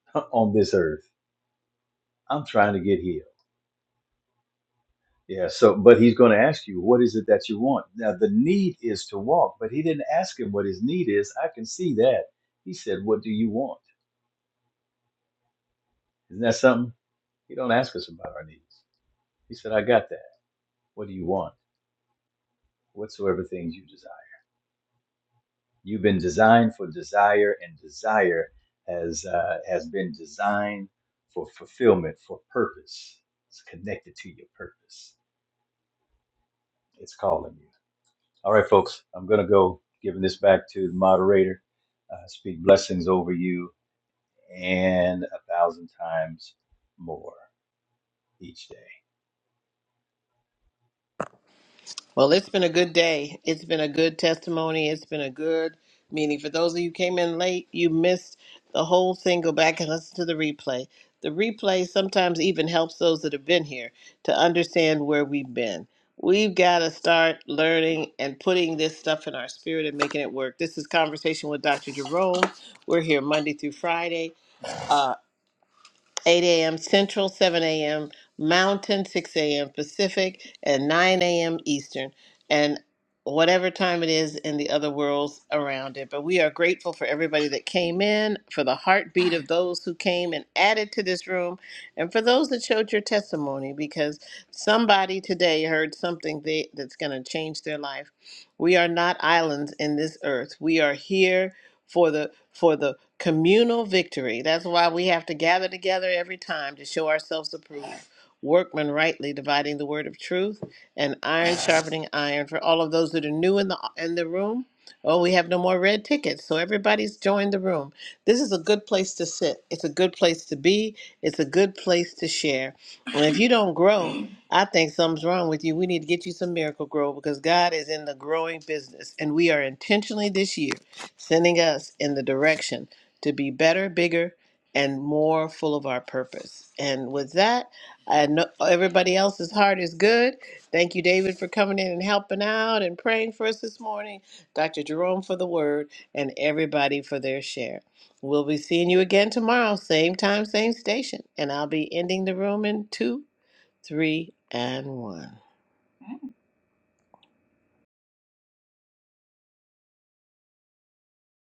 on this earth. I'm trying to get healed. Yeah, so but he's going to ask you what is it that you want? Now the need is to walk, but he didn't ask him what his need is. I can see that. He said, "What do you want?" Isn't that something? He don't ask us about our needs. He said, "I got that. What do you want? Whatsoever things you desire." You've been designed for desire, and desire has uh, has been designed for fulfillment, for purpose. It's connected to your purpose. It's calling you. All right, folks. I'm gonna go giving this back to the moderator. Uh, speak blessings over you and a thousand times more each day. Well, it's been a good day. It's been a good testimony. It's been a good meeting. For those of you who came in late, you missed the whole thing. Go back and listen to the replay. The replay sometimes even helps those that have been here to understand where we've been. We've got to start learning and putting this stuff in our spirit and making it work. This is Conversation with Dr. Jerome. We're here Monday through Friday. Uh, 8 a.m. Central, 7 a.m. Mountain, 6 a.m. Pacific, and 9 a.m. Eastern, and whatever time it is in the other worlds around it. But we are grateful for everybody that came in, for the heartbeat of those who came and added to this room, and for those that showed your testimony, because somebody today heard something they, that's going to change their life. We are not islands in this earth. We are here for the for the Communal victory. That's why we have to gather together every time to show ourselves approved. Workmen rightly dividing the word of truth and iron sharpening iron. For all of those that are new in the in the room, oh, we have no more red tickets. So everybody's joined the room. This is a good place to sit. It's a good place to be. It's a good place to share. And if you don't grow, I think something's wrong with you. We need to get you some miracle grow because God is in the growing business. And we are intentionally this year sending us in the direction to be better, bigger, and more full of our purpose. And with that, I know everybody else's heart is good. Thank you, David, for coming in and helping out and praying for us this morning. Dr. Jerome for the word, and everybody for their share. We'll be seeing you again tomorrow, same time, same station. And I'll be ending the room in two, three, and one.